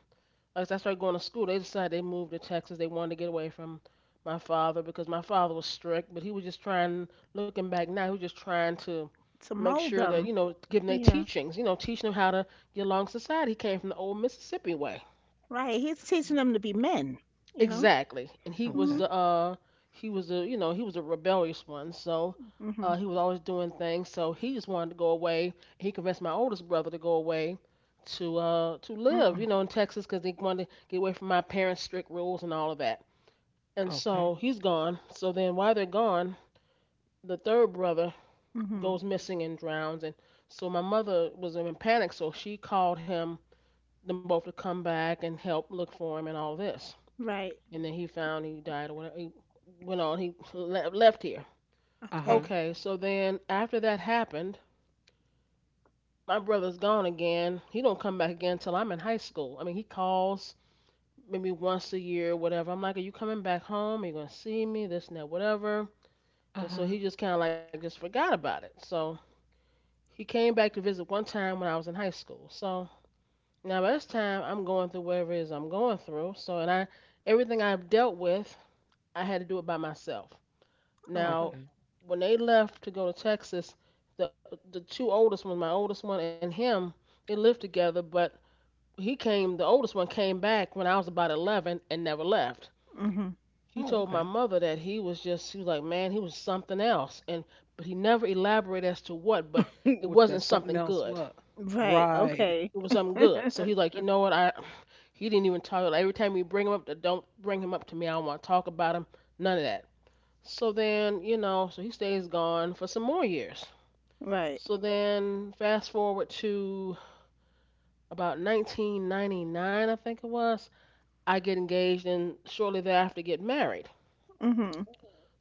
[SPEAKER 2] like I started going to school, they decided they moved to Texas. They wanted to get away from my father because my father was strict, but he was just trying, looking back now, he was just trying to
[SPEAKER 3] To
[SPEAKER 2] make
[SPEAKER 3] mold
[SPEAKER 2] sure that,
[SPEAKER 3] them.
[SPEAKER 2] you know, giving their
[SPEAKER 3] Yeah.
[SPEAKER 2] teachings, you know, teaching them how to get along in society. He came from the old Mississippi way.
[SPEAKER 3] Right, he's teaching them to be men, you know?
[SPEAKER 2] Exactly. And he was
[SPEAKER 3] Mhm.
[SPEAKER 1] Okay.
[SPEAKER 2] the uh he was a you know, he was a rebellious one, so uh
[SPEAKER 3] Mhm.
[SPEAKER 2] he was always doing things, so he just wanted to go away. He convinced my oldest brother to go away to uh to live, you
[SPEAKER 3] Mhm.
[SPEAKER 2] know, in Texas, because he wanted to get away from my parents' strict rules and all of that. And so
[SPEAKER 1] Okay.
[SPEAKER 2] he's gone. So then while they're gone, the third brother
[SPEAKER 3] Mhm.
[SPEAKER 2] goes missing and drowns, and so my mother was in panic, so she called him them both to come back and help look for him and all this.
[SPEAKER 3] Right.
[SPEAKER 2] And then he found, he died or whatever. He went on. He le- left here.
[SPEAKER 1] Uh-huh.
[SPEAKER 3] Okay.
[SPEAKER 2] Okay, so then after that happened, my brother's gone again. He don't come back again till I'm in high school. I mean, he calls maybe once a year or whatever. I'm like, are you coming back home? Are you gonna see me? This and that, whatever. And so he
[SPEAKER 1] Uh-huh.
[SPEAKER 2] just kind of like just forgot about it. So he came back to visit one time when I was in high school. So now by this time I'm going through whatever it is I'm going through. So and I Everything I've dealt with, I had to do it by myself.
[SPEAKER 3] Okay.
[SPEAKER 2] Now,
[SPEAKER 1] Okay.
[SPEAKER 2] when they left to go to Texas, the the two oldest ones, my oldest one and him, they lived together. But he came, the oldest one came back when I was about eleven and never left.
[SPEAKER 3] Mhm.
[SPEAKER 2] He
[SPEAKER 1] Oh,
[SPEAKER 2] told my
[SPEAKER 1] okay.
[SPEAKER 2] mother that he was just, he was like, man, he was something else, and but he never elaborated as to what. But it
[SPEAKER 1] With that
[SPEAKER 2] wasn't
[SPEAKER 1] something
[SPEAKER 2] something
[SPEAKER 1] else?
[SPEAKER 2] good.
[SPEAKER 1] What?
[SPEAKER 3] Right.
[SPEAKER 1] Right.
[SPEAKER 3] Okay.
[SPEAKER 2] It was something good. So he's like, you know what, I, he didn't even talk. Every time we bring him up, don't bring him up to me. I don't want to talk about him. None of that. So then, you know, so he stays gone for some more years.
[SPEAKER 3] Right.
[SPEAKER 2] So then, fast forward to about nineteen ninety-nine, I think it was. I get engaged and shortly thereafter get married.
[SPEAKER 3] Mhm.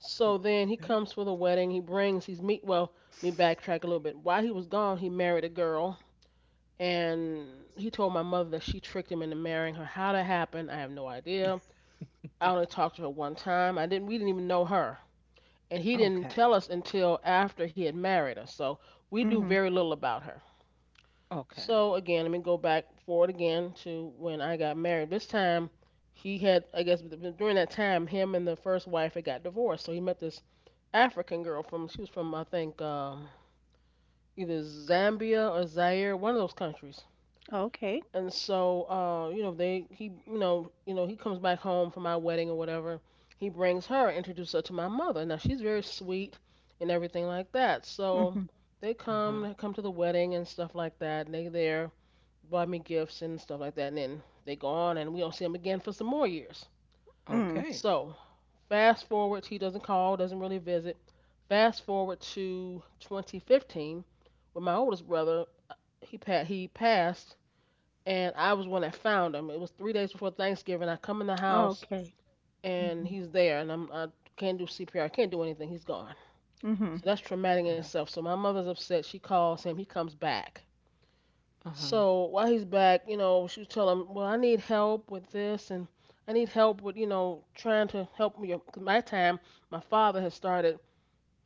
[SPEAKER 2] So
[SPEAKER 1] Okay.
[SPEAKER 2] then he comes for the wedding. He brings, he's meet, well, let me backtrack a little bit. While he was gone, he married a girl, and he told my mother that she tricked him into marrying her. How that happened, I have no idea. I only talked to her one time. I didn't. We didn't even know her, and he didn't
[SPEAKER 1] Okay.
[SPEAKER 2] tell us until after he had married us. So we knew
[SPEAKER 3] Mhm.
[SPEAKER 2] very little about her.
[SPEAKER 1] Okay.
[SPEAKER 2] So again, let me go back forward again to when I got married. This time, he had, I guess, during that time, him and the first wife had got divorced. So he met this African girl from, she was from, I think, um, either Zambia or Zaire, one of those countries.
[SPEAKER 3] Okay.
[SPEAKER 2] And so, uh, you know, they, he, you know, you know, he comes back home from my wedding or whatever. He brings her, introduces her to my mother. Now she's very sweet and everything like that. So
[SPEAKER 3] Mhm.
[SPEAKER 2] they
[SPEAKER 1] Uh huh.
[SPEAKER 2] come, they come to the wedding and stuff like that. And they there buy me gifts and stuff like that. And then they go on, and we don't see him again for some more years.
[SPEAKER 3] Mm.
[SPEAKER 1] Okay.
[SPEAKER 2] So fast forward, he doesn't call, doesn't really visit. Fast forward to twenty fifteen, when my oldest brother he pa- he passed, and I was one that found him. It was three days before Thanksgiving. I come in the house,
[SPEAKER 3] Okay.
[SPEAKER 2] and
[SPEAKER 3] Mhm.
[SPEAKER 2] he's there, and I'm I can't do C P R, I can't do anything. He's gone. So
[SPEAKER 3] Mhm.
[SPEAKER 2] that's traumatic
[SPEAKER 1] Uh
[SPEAKER 2] in
[SPEAKER 1] huh.
[SPEAKER 2] itself. So my mother's upset. She calls him. He comes back.
[SPEAKER 1] Uh huh.
[SPEAKER 2] So while he's back, you know, she was telling him, "Well, I need help with this, and I need help with, you know, trying to help me. Cause my time, my father had started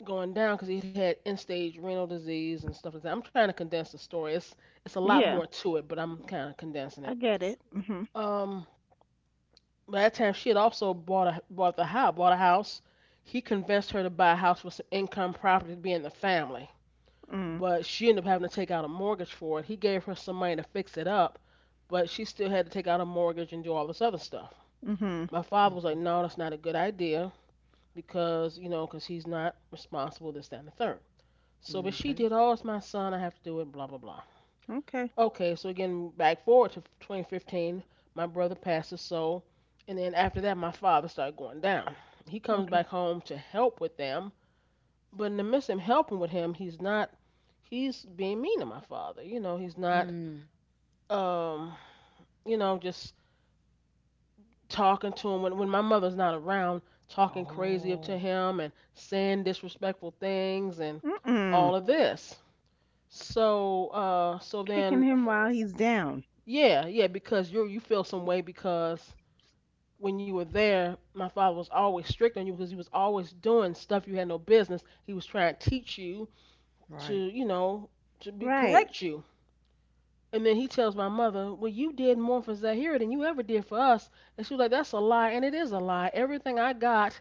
[SPEAKER 2] going down because he had end-stage renal disease and stuff like that. I'm trying to condense the story. It's it's a lot
[SPEAKER 3] Yeah,
[SPEAKER 2] more to it, but I'm kind of condensing
[SPEAKER 3] I
[SPEAKER 2] it.
[SPEAKER 3] get it. Mhm.
[SPEAKER 2] Um, by that time, she had also bought a bought the house, bought a house. He convinced her to buy a house with some income property to be in the family,
[SPEAKER 3] Mm.
[SPEAKER 2] but she ended up having to take out a mortgage for it. He gave her some money to fix it up, but she still had to take out a mortgage and do all this other stuff.
[SPEAKER 3] Mhm.
[SPEAKER 2] My father was like,
[SPEAKER 1] Okay.
[SPEAKER 2] no, that's not a good idea because, you know, because he's not responsible, this, that, and the third. So, but she
[SPEAKER 1] Okay.
[SPEAKER 2] did, oh, it's my son, I have to do it, blah, blah, blah.
[SPEAKER 3] Okay.
[SPEAKER 2] Okay, so again, back forward to twenty fifteen, my brother passes, so, and then after that, my father started going down. He comes back
[SPEAKER 3] Okay.
[SPEAKER 2] home to help with them, but in the midst of him helping with him, he's not he's being mean to my father. You know, he's not
[SPEAKER 1] Mm.
[SPEAKER 2] um, you know, just talking to him when when my mother's not around, talking crazy up to
[SPEAKER 1] Oh,
[SPEAKER 2] him and saying disrespectful things and
[SPEAKER 3] Mm.
[SPEAKER 2] all of this. So uh so
[SPEAKER 3] Kicking
[SPEAKER 2] then
[SPEAKER 3] him while he's down.
[SPEAKER 2] yeah, yeah, because you you feel some way because when you were there, my father was always strict on you because he was always doing stuff you had no business. He was trying to teach you
[SPEAKER 1] right.
[SPEAKER 2] to, you know, to be
[SPEAKER 3] Right.
[SPEAKER 2] correct you And then he tells my mother, "Well, you did more for Zahira than you ever did for us." And she was like, "That's a lie." And it is a lie. Everything I got,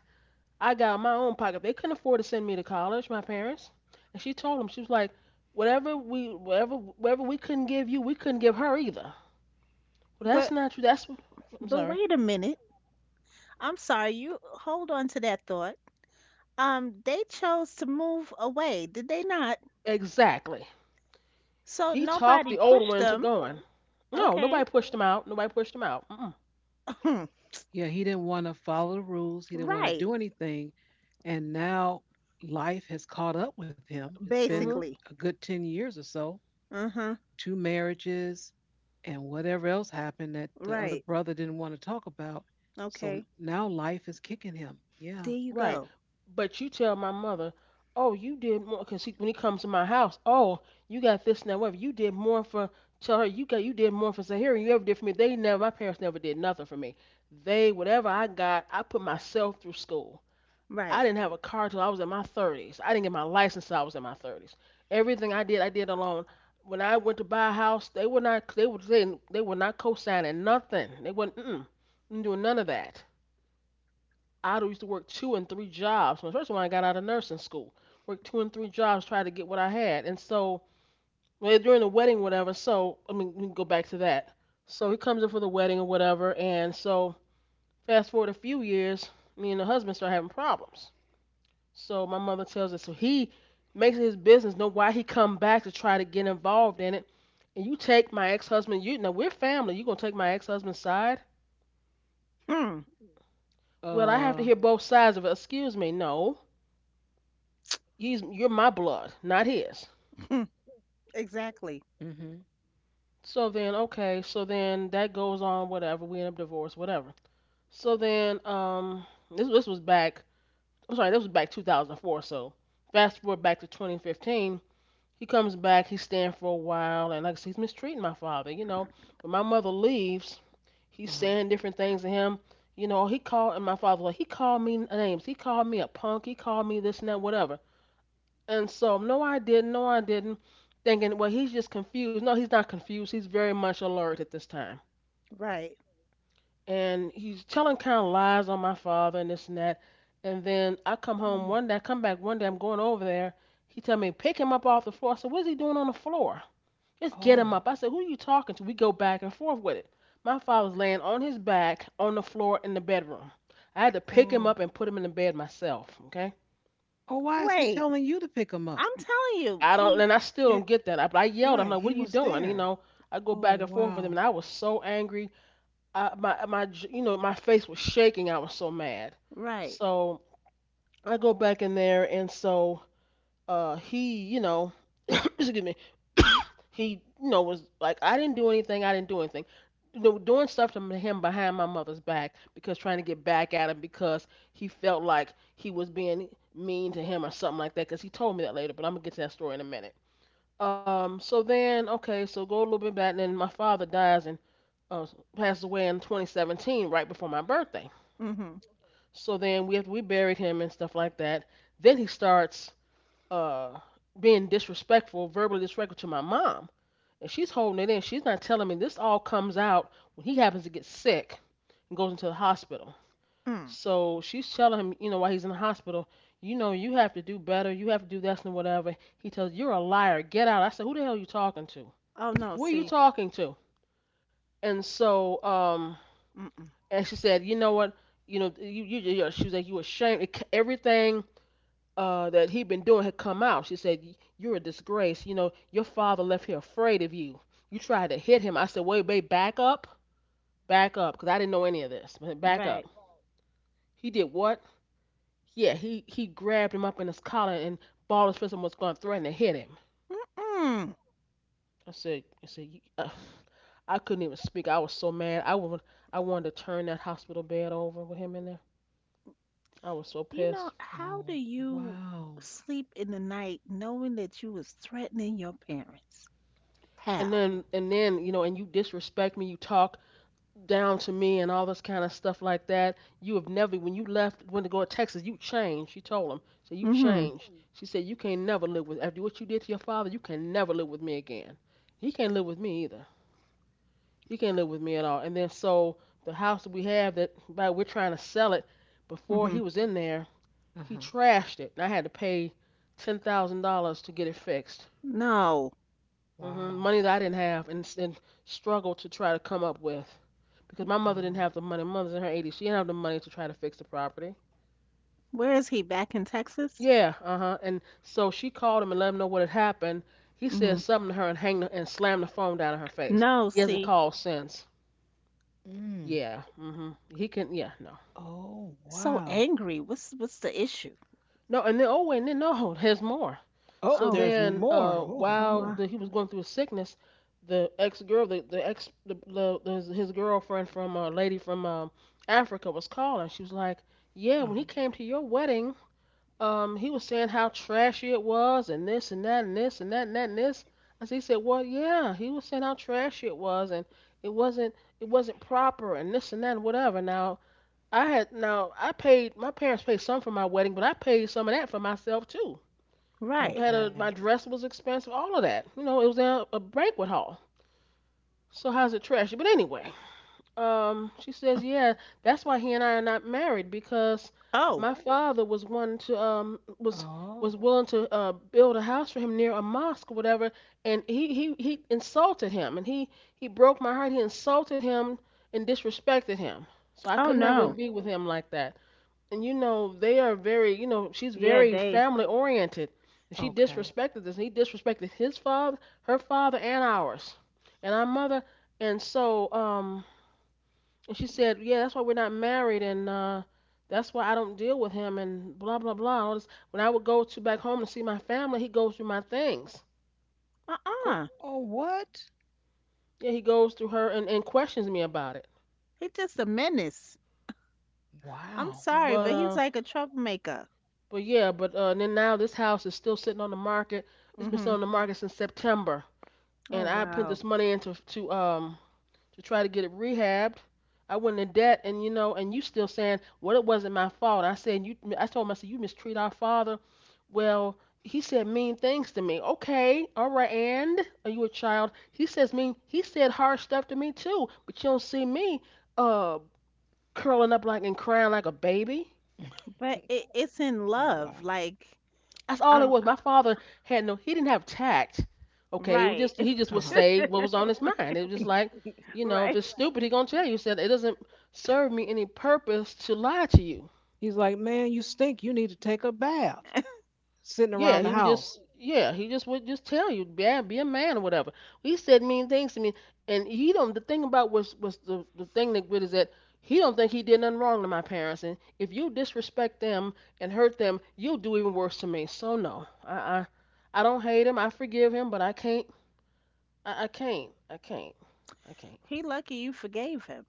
[SPEAKER 2] I got out my own pocket. They couldn't afford to send me to college, my parents. And she told them, she was like, Whatever we, whatever, "whatever we couldn't give you, we couldn't give her either." Well, that's
[SPEAKER 3] But
[SPEAKER 2] not true. That's, I'm
[SPEAKER 3] but
[SPEAKER 2] sorry.
[SPEAKER 3] wait a minute. I'm sorry. You hold on to that thought. Um they chose to move away, did they not?
[SPEAKER 2] Exactly.
[SPEAKER 3] So
[SPEAKER 2] He talked
[SPEAKER 3] nobody
[SPEAKER 2] the older
[SPEAKER 3] pushed
[SPEAKER 2] one into
[SPEAKER 3] them.
[SPEAKER 2] going. No,
[SPEAKER 3] Okay.
[SPEAKER 2] nobody pushed him out. Nobody pushed him out. Mm-mm.
[SPEAKER 1] Yeah, he didn't want to follow the rules. He didn't want to
[SPEAKER 3] Right.
[SPEAKER 1] do anything. And now life has caught up with him. It's been
[SPEAKER 2] Mhm.
[SPEAKER 3] Basically.
[SPEAKER 1] a good ten years or so,
[SPEAKER 3] Uh-huh.
[SPEAKER 1] two marriages, and whatever else happened that the other
[SPEAKER 3] Right.
[SPEAKER 1] brother didn't want to talk about. So
[SPEAKER 3] Okay.
[SPEAKER 1] now life is kicking him. Yeah.
[SPEAKER 3] There you
[SPEAKER 2] Right.
[SPEAKER 3] go.
[SPEAKER 2] But you tell my mother, oh, you did more because when he comes to my house, oh, you got this and that, whatever. You did more for tell her you got you did more for Zahira than you ever did for me. They never my parents never did nothing for me. They whatever I got, I put myself through school.
[SPEAKER 3] Right.
[SPEAKER 2] I didn't have a car till I was in my thirties. I didn't get my license till I was in my thirties. Everything I did, I did alone. When I went to buy a house, they were not they were they, they were not co-signing nothing. They wouldn't mm, doing none of that. I used to work two and three jobs. When first when I got out of nursing school, worked two and three jobs tried to get what I had. And so well, during the wedding, whatever. So I mean, we can go back to that. So he comes in for the wedding or whatever, and so fast forward a few years, me and the husband start having problems. So my mother tells us, so he makes it his business know why he come back to try to get involved in it. And you take my ex-husband, you now we're family. You gonna take my ex-husband's side?
[SPEAKER 3] Hmm.
[SPEAKER 2] Well, I have to
[SPEAKER 1] Uh,
[SPEAKER 2] hear both sides of it. Excuse me, no. He's you're my blood, not his.
[SPEAKER 3] Hmm, exactly.
[SPEAKER 1] Mm-hmm.
[SPEAKER 2] So then, okay, so then that goes on, whatever. We end up divorced, whatever. So then, um, this this was back. I'm sorry, this was back two thousand four. So fast forward back to twenty fifteen. He comes back. He's staying for a while, and like I said, he's mistreating my father. You know, when my mother leaves, he's
[SPEAKER 1] Uh-huh.
[SPEAKER 2] saying different things to him. You know, he called, and my father like he called me names. He called me a punk. He called me this and that, whatever. And so, no, I didn't. No, I didn't. Thinking, well, he's just confused. No, he's not confused. He's very much alert at this time.
[SPEAKER 3] Right.
[SPEAKER 2] And he's telling kind of lies on my father and this and that. And then I come home
[SPEAKER 1] Mm.
[SPEAKER 2] one day, I come back one day, I'm going over there. He tell me, pick him up off the floor. I said, what is he doing on the floor? Just get him
[SPEAKER 1] Oh,
[SPEAKER 2] up. I said, who are you talking to? We go back and forth with it. My father's laying on his back on the floor in the bedroom. I had to pick him
[SPEAKER 1] oh,
[SPEAKER 2] up and put him in the bed myself. Okay.
[SPEAKER 1] oh, why is he
[SPEAKER 3] Wait.
[SPEAKER 1] telling you to pick him up?
[SPEAKER 3] I'm telling you.
[SPEAKER 2] I don't,
[SPEAKER 3] eh,
[SPEAKER 2] and I still
[SPEAKER 1] It,
[SPEAKER 2] don't get that. I, I yelled. I'm
[SPEAKER 1] right,
[SPEAKER 2] like,
[SPEAKER 1] he
[SPEAKER 2] "What are you
[SPEAKER 1] was
[SPEAKER 2] doing?" You
[SPEAKER 1] there.
[SPEAKER 2] know, I go
[SPEAKER 1] Oh,
[SPEAKER 2] back and forth with him,
[SPEAKER 1] wow.
[SPEAKER 2] and I was so angry. I, my my, j- You know, my face was shaking. I was so mad.
[SPEAKER 3] Right.
[SPEAKER 2] So I go back in there, and so uh, he, you know, excuse me, he, you know, was like, "I didn't do anything. I didn't do anything." You know, doing stuff to him behind my mother's back because trying to get back at him because he felt like he was being mean to him or something like that. Because he told me that later, but I'm gonna get to that story in a minute. Um, so then, okay, so go a little bit back, and then my father dies and uh, passes away in twenty seventeen, right before my birthday.
[SPEAKER 3] Mm-hmm.
[SPEAKER 2] So then we have we buried him and stuff like that. Then he starts uh, being disrespectful, verbally disrespectful to my mom, and she's holding it in. She's not telling me this all comes out when he happens to get sick and goes into the hospital.
[SPEAKER 3] Mm.
[SPEAKER 2] So she's telling him, you know, while he's in the hospital, you know, you have to do better, you have to do this and whatever. He tells, you're a liar, get out. I said, who the hell are you talking to?
[SPEAKER 3] Oh no,
[SPEAKER 2] Who are you
[SPEAKER 3] see.
[SPEAKER 2] talking to? And so, um,
[SPEAKER 3] Mm-mm.
[SPEAKER 2] and she said, you know what, you know, you, you, you she was like, you ashamed. It, everything uh, that he'd been doing had come out. She said, you're a disgrace. You know, your father left here afraid of you. You tried to hit him. I said, wait, babe, back up, back up, because I didn't know any of this. But back
[SPEAKER 3] Right.
[SPEAKER 2] up. He did what? Yeah, he he grabbed him up in his collar and balled his fist and was going to threaten to hit him.
[SPEAKER 3] Mm-mm.
[SPEAKER 2] I said, I said, uh, I couldn't even speak. I was so mad. I would I wanted to turn that hospital bed over with him in there. I was so
[SPEAKER 3] You
[SPEAKER 2] pissed.
[SPEAKER 3] know, how do
[SPEAKER 1] Oh,
[SPEAKER 3] you
[SPEAKER 1] wow.
[SPEAKER 3] sleep in the night knowing that you was threatening your parents?
[SPEAKER 2] And
[SPEAKER 3] How?
[SPEAKER 2] then and then, you know, and you disrespect me, you talk down to me and all this kind of stuff like that. You have never when you left went to go to Texas, you changed, she told him. So you
[SPEAKER 3] Mhm.
[SPEAKER 2] changed. She said you can not never live with after what you did to your father, you can never live with me again. He can't live with me either. He can't live with me at all. And then so the house that we have that by we're trying to sell it before he
[SPEAKER 3] Mhm.
[SPEAKER 2] was in there. He
[SPEAKER 1] Uh-huh.
[SPEAKER 2] trashed it, and I had to pay ten thousand dollars to get it fixed.
[SPEAKER 3] No.
[SPEAKER 2] Hmm.
[SPEAKER 1] Wow.
[SPEAKER 2] Money that I didn't have, and and struggled to try to come up with because my mother didn't
[SPEAKER 1] Oh,
[SPEAKER 2] have the money. My mother's in her eighties. She didn't have the money to try to fix the property.
[SPEAKER 3] Where is he? Back in Texas?
[SPEAKER 2] Yeah, uh huh. And so she called him and let him know what had happened. He said
[SPEAKER 3] Mhm.
[SPEAKER 2] something to her and hanged the, and slammed the phone down in her face.
[SPEAKER 3] No,
[SPEAKER 2] He hasn't
[SPEAKER 3] see.
[SPEAKER 2] called since.
[SPEAKER 1] mm.
[SPEAKER 2] Yeah, mhm. He can. Yeah, no.
[SPEAKER 1] Oh,
[SPEAKER 3] So
[SPEAKER 1] wow.
[SPEAKER 3] angry. What's what's the issue?
[SPEAKER 2] No, and then oh, and then no, there's more.
[SPEAKER 1] Oh,
[SPEAKER 2] So oh,
[SPEAKER 3] Oh.
[SPEAKER 1] there's
[SPEAKER 2] then, there's
[SPEAKER 1] more.
[SPEAKER 2] uh,
[SPEAKER 1] Oh,
[SPEAKER 2] while
[SPEAKER 3] Oh,
[SPEAKER 1] boy.
[SPEAKER 3] uh,
[SPEAKER 2] the, he was going through his sickness, the ex girl, the the ex, the, the, his, his girlfriend from a uh, lady from um, Africa was calling. She was like, "Yeah, when he
[SPEAKER 1] Uh-huh.
[SPEAKER 2] came to your wedding, um, he was saying how trashy it was, and this and that, and this and that and that and this." I said, he said, "Well, yeah, he was saying how trashy it was, and it wasn't it wasn't proper, and this and that and whatever." Now I had now I paid my parents paid some for my wedding, but I paid some of that for myself too. It
[SPEAKER 3] right.
[SPEAKER 2] had a
[SPEAKER 1] Okay.
[SPEAKER 2] My dress was expensive, all of that. You know, it was in a, a banquet hall. So how's it trashy? But anyway, um, she says, yeah, that's why he and I are not married because
[SPEAKER 3] Oh.
[SPEAKER 2] my father was one to um was was
[SPEAKER 1] Oh,
[SPEAKER 2] willing to uh build a house for him near a mosque or whatever, and he he he insulted him, and he he broke my heart. He insulted him and disrespected him. So I
[SPEAKER 3] Oh
[SPEAKER 2] could never
[SPEAKER 3] no.
[SPEAKER 1] mm.
[SPEAKER 2] be with him like that and you know they are very you know she's
[SPEAKER 3] Yeah,
[SPEAKER 2] very
[SPEAKER 3] they.
[SPEAKER 2] family oriented and she
[SPEAKER 1] Okay.
[SPEAKER 2] disrespected this and he disrespected his father her father and ours and our mother and so um and she said yeah that's why we're not married and uh that's why I don't deal with him and blah blah blah all this. When I would go to back home to see my family, he goes through my things.
[SPEAKER 1] Go.
[SPEAKER 3] Uh-uh.
[SPEAKER 1] Oh, what?
[SPEAKER 2] Yeah, he goes through her and, and questions me about it.
[SPEAKER 3] He's just a menace. I'm
[SPEAKER 1] Wow.
[SPEAKER 3] sorry,
[SPEAKER 2] but
[SPEAKER 3] but he's
[SPEAKER 2] uh
[SPEAKER 3] like a troublemaker.
[SPEAKER 2] but yeah but uh and then now this house is still sitting on the market. It's been sitting
[SPEAKER 3] Mhm.
[SPEAKER 2] on the market since September,
[SPEAKER 3] Oh,
[SPEAKER 2] and I put
[SPEAKER 3] wow.
[SPEAKER 2] this money into to um to try to get it rehabbed. I went in debt, and you know, and you still saying, well, it wasn't my fault. I said, you, I told him, I said, you mistreat our father. Well, he said mean things to me. Okay, all right, and are you a child? He says mean. He said hard stuff to me too, but you don't see me uh curling up like and crying like a baby.
[SPEAKER 3] But it, it's in love.
[SPEAKER 1] Wow.
[SPEAKER 3] Like
[SPEAKER 2] That's all it
[SPEAKER 3] I'm
[SPEAKER 2] was. My father had no, he didn't have tact. Okay, it was
[SPEAKER 3] right.
[SPEAKER 2] just he just would
[SPEAKER 1] Uh-huh.
[SPEAKER 2] say what was on his mind. It was just like, you know, if
[SPEAKER 3] Right.
[SPEAKER 2] it's stupid, he gonna tell you. He said it doesn't serve me any purpose to lie to you.
[SPEAKER 1] He's like, man, you stink. You need to take a bath. Sitting
[SPEAKER 2] Yeah,
[SPEAKER 1] around
[SPEAKER 2] he
[SPEAKER 1] the
[SPEAKER 2] would just,
[SPEAKER 1] house.
[SPEAKER 2] yeah, he just would just tell you, yeah, be a man or whatever. He said mean things to me, and he don't. The thing about was was the the thing that good is that he don't think he did nothing wrong to my parents, and if you disrespect them and hurt them, you'll do even worse to me. So no, I I, I don't hate him. I forgive him, but I can't. I, I can't. I can't. I can't.
[SPEAKER 3] He lucky you forgave him.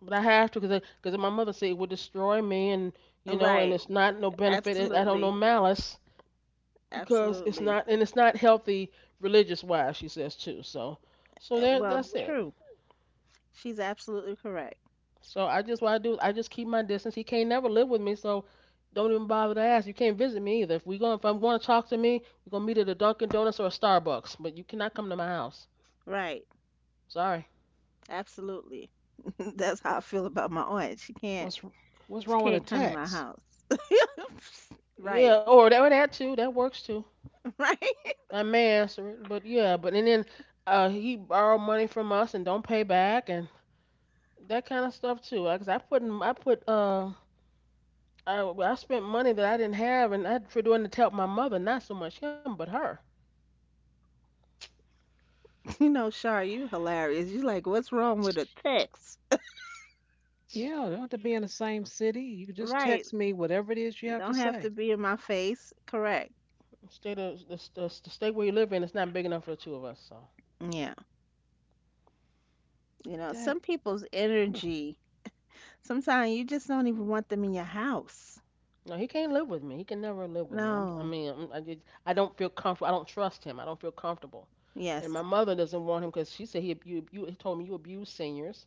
[SPEAKER 2] But I have to because because my mother said it would destroy me, and you know, and
[SPEAKER 3] Right.
[SPEAKER 2] it's not no benefit. It, I don't know
[SPEAKER 3] Absolutely.
[SPEAKER 2] malice because it's
[SPEAKER 3] Absolutely.
[SPEAKER 2] not, and it's not healthy religious wise. She says too. So so
[SPEAKER 3] Uh,
[SPEAKER 2] there
[SPEAKER 3] Well,
[SPEAKER 2] that's it.
[SPEAKER 3] true. She's absolutely correct.
[SPEAKER 2] So I just what I do I just keep my distance. He can't never live with me. So don't even bother to ask. You can't visit me either. If we going if I'm going to talk to me, we're gonna meet at a Dunkin' Donuts or a Starbucks. But you cannot come to my house.
[SPEAKER 3] Right.
[SPEAKER 2] Sorry.
[SPEAKER 3] Absolutely. That's how I feel about my aunt. She can't
[SPEAKER 1] What's what's
[SPEAKER 3] she
[SPEAKER 1] wrong with a
[SPEAKER 3] can't come to my
[SPEAKER 1] text?
[SPEAKER 3] house. Right.
[SPEAKER 2] Yeah, or that or that too. That works too.
[SPEAKER 3] Right.
[SPEAKER 2] I may answer it, but yeah, but and then uh, he borrowed money from us and don't pay back and that kind of stuff too. Like, 'cause I put in- I put uh I I spent money that I didn't have and I for doing it to help my mother, not so much him but her.
[SPEAKER 3] You know, Shar, you hilarious. You like, what's wrong with a text?
[SPEAKER 1] Yeah, don't have to be in the same city. You can just
[SPEAKER 3] Right.
[SPEAKER 1] text me whatever it is you have to
[SPEAKER 3] Don't have to
[SPEAKER 1] say.
[SPEAKER 3] be in my face. Correct.
[SPEAKER 2] State of the, the, the state where you live in, it's not big enough for the two of us. So
[SPEAKER 3] Yeah. You know,
[SPEAKER 1] That
[SPEAKER 3] some people's
[SPEAKER 1] ooh,
[SPEAKER 3] energy, sometimes you just don't even want them in your house.
[SPEAKER 2] no, he can't live with me. He can never live with me. I'm, I
[SPEAKER 3] No.
[SPEAKER 2] mean, I'm, I just I don't feel comfortable. I don't trust him. I don't feel comfortable. And
[SPEAKER 3] Yes.
[SPEAKER 2] my mother doesn't want him because she said he abu- you you he told me you abuse seniors.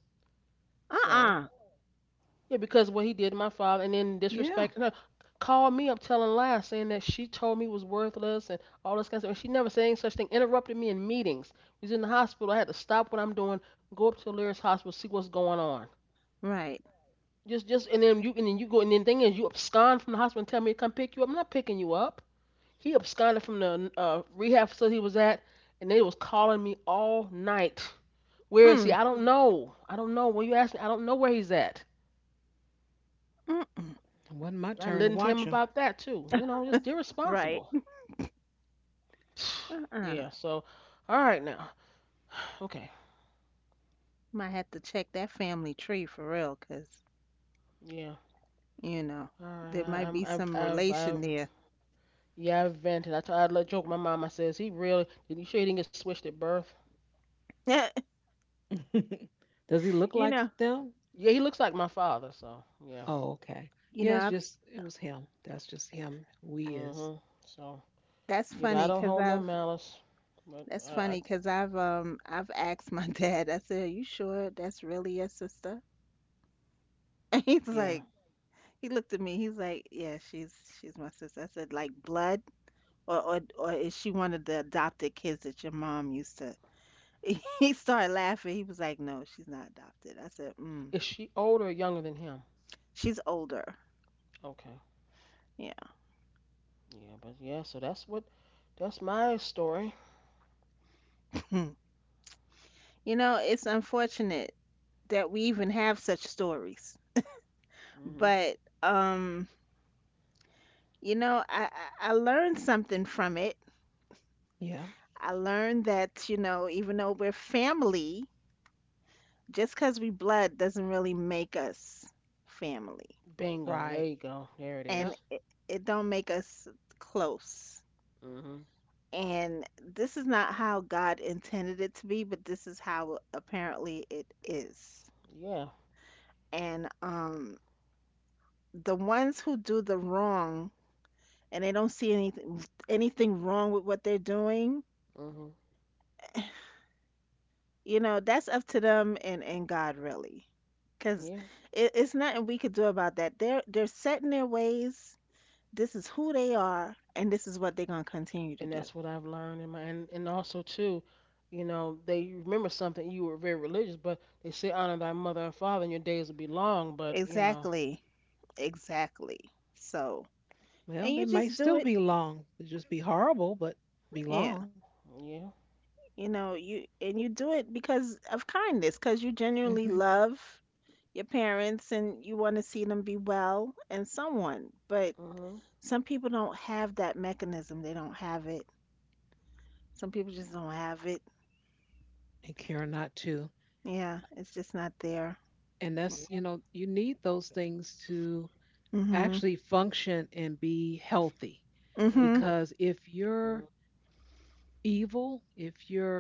[SPEAKER 2] So.
[SPEAKER 3] Uh-uh.
[SPEAKER 2] Yeah, because what he did to my father and then
[SPEAKER 1] yeah,
[SPEAKER 2] disrespecting her. Called me up telling lies, saying that she told me was worthless and all this kind of stuff. And she never said any such thing. Interrupted me in meetings. We was in the hospital. I had to stop what I'm doing, go up to Lyris Hospital, see what's going on.
[SPEAKER 3] Right.
[SPEAKER 2] Just, just, and then you, and then you go, and then the thing is, you abscond from the hospital and tell me to come pick you up. I'm not picking you up. He absconded from the uh, rehab facility he was at, and they was calling me all night. Where is he?
[SPEAKER 3] Mm.
[SPEAKER 2] I don't know. I don't know. When you ask me, I don't know where he's at.
[SPEAKER 3] Mm.
[SPEAKER 1] it wasn't my
[SPEAKER 2] I
[SPEAKER 1] turn to
[SPEAKER 2] listened to him
[SPEAKER 1] watch him.
[SPEAKER 2] about that too. You know, just
[SPEAKER 3] Right.
[SPEAKER 2] irresponsible.
[SPEAKER 3] Uh-uh.
[SPEAKER 2] Yeah. So, all right now. Okay.
[SPEAKER 3] Might have to check that family tree for real, 'cause,
[SPEAKER 2] Yeah.
[SPEAKER 3] you know,
[SPEAKER 2] All right.
[SPEAKER 3] there
[SPEAKER 2] I,
[SPEAKER 3] might
[SPEAKER 2] I'm.
[SPEAKER 3] be
[SPEAKER 2] I've.
[SPEAKER 3] some
[SPEAKER 2] I've.
[SPEAKER 3] relation
[SPEAKER 2] I've.
[SPEAKER 3] there.
[SPEAKER 2] Yeah. I've vented. I told. I let joke my mom. I says he really. Did you sure he didn't get switched at birth?
[SPEAKER 1] Does he look
[SPEAKER 3] You
[SPEAKER 1] like
[SPEAKER 3] know,
[SPEAKER 1] them?
[SPEAKER 2] Yeah. He looks like my father. So yeah.
[SPEAKER 1] Oh, okay.
[SPEAKER 3] you
[SPEAKER 1] Yeah,
[SPEAKER 3] know,
[SPEAKER 1] it's
[SPEAKER 3] I've,
[SPEAKER 1] just it was him. That's just him. We is.
[SPEAKER 2] Mhm. So
[SPEAKER 3] that's
[SPEAKER 2] yeah. But I
[SPEAKER 3] funny
[SPEAKER 2] don't
[SPEAKER 3] 'cause
[SPEAKER 2] hold no
[SPEAKER 3] I've
[SPEAKER 2] malice. But
[SPEAKER 3] that's
[SPEAKER 2] I. I
[SPEAKER 3] funny 'cause I've um I've asked my dad. I said, "Are you sure that's really your sister?" And he's
[SPEAKER 2] Yeah.
[SPEAKER 3] like, he looked at me. He's like, "Yeah, she's she's my sister." I said, "Like blood, or or or is she one of the adopted kids that your mom used to?" He started laughing. He was like, "No, she's not adopted." I said, "Mm,
[SPEAKER 2] Is she older or younger than him?
[SPEAKER 3] she's older."
[SPEAKER 2] Okay.
[SPEAKER 3] Yeah.
[SPEAKER 2] Yeah. But yeah. So that's what. That's my story.
[SPEAKER 3] You know, it's unfortunate that we even have such stories,
[SPEAKER 2] Mhm.
[SPEAKER 3] but um, you know, I, I I learned something from it.
[SPEAKER 1] Yeah.
[SPEAKER 3] I learned that, you know, even though we're family, just 'cause we blood doesn't really make us family,
[SPEAKER 2] Bingo. There
[SPEAKER 1] Right.
[SPEAKER 2] you go. There it is.
[SPEAKER 3] and
[SPEAKER 1] Yep.
[SPEAKER 2] is.
[SPEAKER 3] it, it don't make us close.
[SPEAKER 2] Mhm.
[SPEAKER 3] And this is not how God intended it to be, but this is how apparently it is.
[SPEAKER 2] Yeah.
[SPEAKER 3] And um, The ones who do the wrong and they don't see anything anything wrong with what they're doing,
[SPEAKER 2] Mhm.
[SPEAKER 3] you know, that's up to them and and God really, because
[SPEAKER 2] Yeah.
[SPEAKER 3] it, it's nothing we could do about that. They're they're set in their ways. This is who they are, and this is what they're gonna continue to
[SPEAKER 2] And
[SPEAKER 3] do.
[SPEAKER 2] that's what I've learned in my and, and also too, you know, they remember something you were very religious, but they say honor thy mother and father and your days will be long, but you know,
[SPEAKER 3] Exactly, exactly. So, and
[SPEAKER 1] Well, they
[SPEAKER 3] you
[SPEAKER 1] may
[SPEAKER 3] just do
[SPEAKER 1] still
[SPEAKER 3] it.
[SPEAKER 1] be long. It'd just be horrible, but be
[SPEAKER 3] Yeah,
[SPEAKER 1] long.
[SPEAKER 2] yeah.
[SPEAKER 3] you know, you and you do it because of kindness, because you genuinely
[SPEAKER 1] Hmm.
[SPEAKER 3] love your parents and you want to see them be well and someone, but
[SPEAKER 2] Mhm.
[SPEAKER 3] some people don't have that mechanism. They don't have it. Some people just don't have it.
[SPEAKER 1] And care not to.
[SPEAKER 3] Yeah, it's just not there.
[SPEAKER 1] And that's you
[SPEAKER 2] Yeah.
[SPEAKER 1] know you need those things to
[SPEAKER 3] Mm-hmm.
[SPEAKER 1] actually function and be healthy.
[SPEAKER 3] Mm-hmm.
[SPEAKER 2] Mhm.
[SPEAKER 1] Because if
[SPEAKER 2] Mhm.
[SPEAKER 1] you're evil, if you're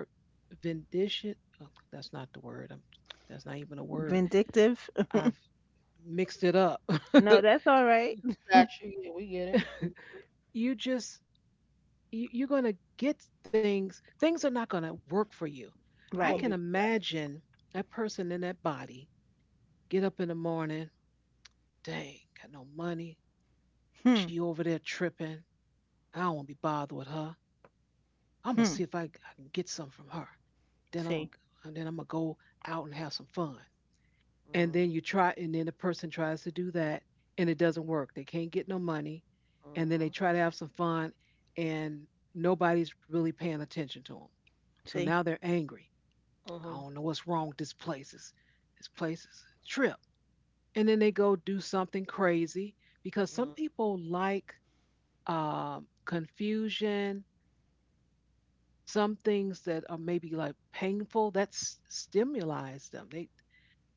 [SPEAKER 1] vindictive, oh, that's not the word. I'm, that's not even a word.
[SPEAKER 3] Vindictive.
[SPEAKER 1] I've mixed it up.
[SPEAKER 3] No, that's all right.
[SPEAKER 2] Got you. Yeah, we get it. Mhm.
[SPEAKER 1] You just you, you're going to get things. Things are not going to work for you.
[SPEAKER 2] You
[SPEAKER 1] I
[SPEAKER 2] won't
[SPEAKER 3] Right.
[SPEAKER 2] be
[SPEAKER 1] can imagine that person in that body get up in the morning. Dang, got no money.
[SPEAKER 3] Hmm.
[SPEAKER 1] She over there tripping. I don't want to be bothered with her. I'm gonna see
[SPEAKER 3] Hmm.
[SPEAKER 1] if I, I can get some from her. Then I'm
[SPEAKER 3] See.
[SPEAKER 1] gonna- then I'm gonna go out and have some fun. And
[SPEAKER 2] mm,
[SPEAKER 1] then you try, and then the person tries to do that, and it doesn't work. They can't get no money, and then they
[SPEAKER 2] Mhm.
[SPEAKER 1] try to have some fun, and nobody's really paying attention to them. So now
[SPEAKER 3] See.
[SPEAKER 1] they're angry. I
[SPEAKER 2] Mhm.
[SPEAKER 1] don't know what's wrong with this place. It's, this place is a trip. And then they go do something crazy because
[SPEAKER 2] Mm,
[SPEAKER 1] some people like um, confusion, some things that are maybe like painful, that s- stimulates them. They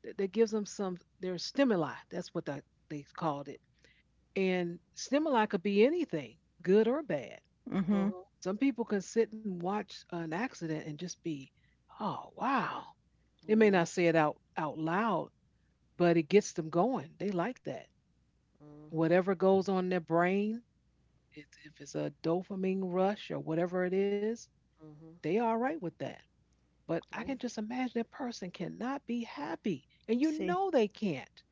[SPEAKER 1] That, that gives them some their stimuli. That's what that, they called it. And stimuli could be anything, good or bad.
[SPEAKER 3] Mm-hmm.
[SPEAKER 2] Mhm.
[SPEAKER 1] Some people can sit and watch an accident and just be, oh wow. They may
[SPEAKER 2] Yeah.
[SPEAKER 1] not say it out out loud, but it gets them going. They like that.
[SPEAKER 2] Mhm.
[SPEAKER 1] Whatever goes on in their brain, if if it's a dopamine rush or whatever it is,
[SPEAKER 2] Mhm.
[SPEAKER 1] they are all right with that. But I
[SPEAKER 2] Yeah.
[SPEAKER 1] can just imagine that person cannot be happy, and you
[SPEAKER 3] See.
[SPEAKER 1] know they can't.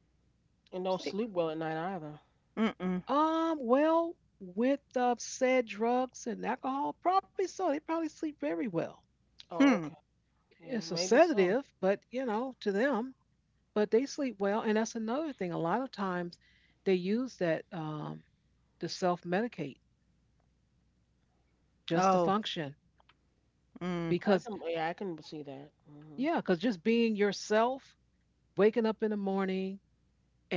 [SPEAKER 2] And don't
[SPEAKER 3] So-
[SPEAKER 1] They,
[SPEAKER 2] sleep well at night either.
[SPEAKER 3] Mm-mm.
[SPEAKER 1] Um, well, with uh, said drugs and alcohol, probably so. They probably sleep very well.
[SPEAKER 2] Oh,
[SPEAKER 3] Hmm.
[SPEAKER 2] okay. Yeah,
[SPEAKER 1] It's a
[SPEAKER 2] maybe so.
[SPEAKER 1] sedative, but you know, to them, but they sleep well. And that's another thing. A lot of times they use that um, to self medicate just to
[SPEAKER 3] Oh.
[SPEAKER 1] function.
[SPEAKER 3] Mm.
[SPEAKER 2] I
[SPEAKER 1] Because,
[SPEAKER 2] can yeah, I can see that. Mhm.
[SPEAKER 1] yeah, because just being yourself, waking up in the morning,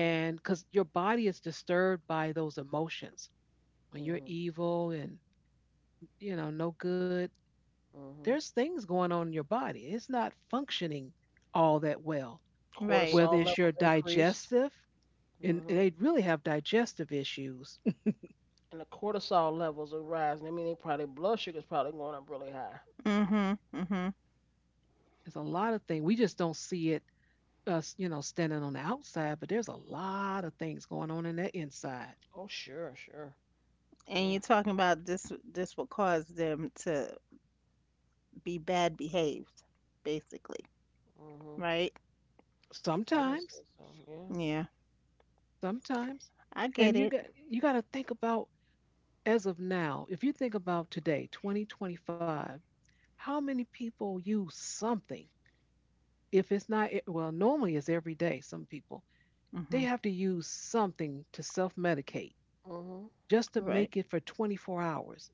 [SPEAKER 1] and because your body is disturbed by those emotions when you're
[SPEAKER 2] Mhm.
[SPEAKER 1] evil and, you know, no good
[SPEAKER 2] Mhm.
[SPEAKER 1] there's things going on in your body. It's not functioning all that well,
[SPEAKER 3] Right.
[SPEAKER 2] Cortisol
[SPEAKER 1] whether it's your
[SPEAKER 2] levels increased.
[SPEAKER 1] digestive, and
[SPEAKER 2] Hmm.
[SPEAKER 1] they really have digestive issues.
[SPEAKER 2] And the cortisol levels are rising. I mean, they probably blood sugar's probably going up really high.
[SPEAKER 3] Mm-hmm. Mm-hmm.
[SPEAKER 1] There's a lot of things. We just don't see it us, you know, standing on the outside, but there's a lot of things going on in the inside.
[SPEAKER 2] Oh, sure, sure.
[SPEAKER 3] And
[SPEAKER 2] Yeah.
[SPEAKER 3] you're talking about this this will cause them to be bad behaved, basically.
[SPEAKER 2] Hmm.
[SPEAKER 3] Right?
[SPEAKER 2] I would
[SPEAKER 1] Sometimes,
[SPEAKER 2] say so. Yeah.
[SPEAKER 3] Yeah.
[SPEAKER 1] sometimes.
[SPEAKER 3] I
[SPEAKER 1] And
[SPEAKER 3] get
[SPEAKER 1] you
[SPEAKER 3] it.
[SPEAKER 1] got you got to think about as of now, if you think about today, twenty twenty-five, how many people use something? If it's not e- well, normally it's every day some people they
[SPEAKER 3] Mm-hmm.
[SPEAKER 1] have to use something to self medicate
[SPEAKER 2] Hmm.
[SPEAKER 1] just to
[SPEAKER 3] Right.
[SPEAKER 1] make it for twenty-four hours.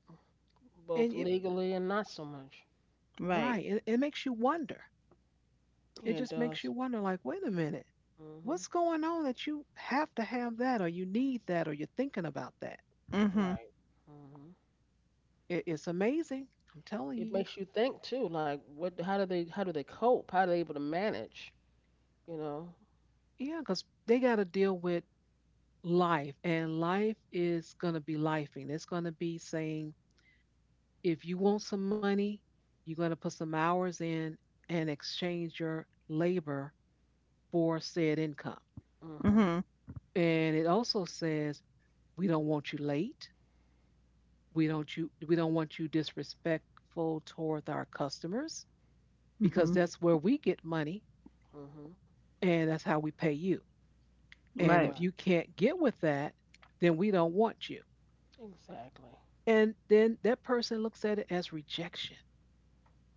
[SPEAKER 1] And
[SPEAKER 2] Both
[SPEAKER 1] it,
[SPEAKER 2] legally and not so much.
[SPEAKER 1] right,
[SPEAKER 3] Right.
[SPEAKER 1] it, it makes you wonder. It
[SPEAKER 2] Yeah, it
[SPEAKER 1] just makes you
[SPEAKER 2] does.
[SPEAKER 1] wonder, like, wait a minute, what's
[SPEAKER 2] Hmm.
[SPEAKER 1] going on that you have to have that or you need that or you're thinking about that?
[SPEAKER 3] Mhm.
[SPEAKER 2] Right. Hmm.
[SPEAKER 1] It, it's amazing. I'm telling you.
[SPEAKER 2] It makes you think too, like what? How do they? How do they cope? How are they able to manage? You know.
[SPEAKER 1] Yeah, because they got to deal with life, and life is going to be lifing. It's going to be saying, if you want some money, you're going to put some hours in and exchange your labor for said income.
[SPEAKER 2] Hmm.
[SPEAKER 3] Mhm.
[SPEAKER 1] And it also says we don't want you late. We don't you we don't want you disrespectful towards our customers because
[SPEAKER 3] Mhm.
[SPEAKER 2] Hmm.
[SPEAKER 1] that's where we get money
[SPEAKER 2] Hmm.
[SPEAKER 1] and that's how we pay you. And
[SPEAKER 3] Right.
[SPEAKER 1] if
[SPEAKER 2] Right.
[SPEAKER 1] you can't get with that, then we don't want you.
[SPEAKER 2] Exactly.
[SPEAKER 1] And then that person looks at it as rejection.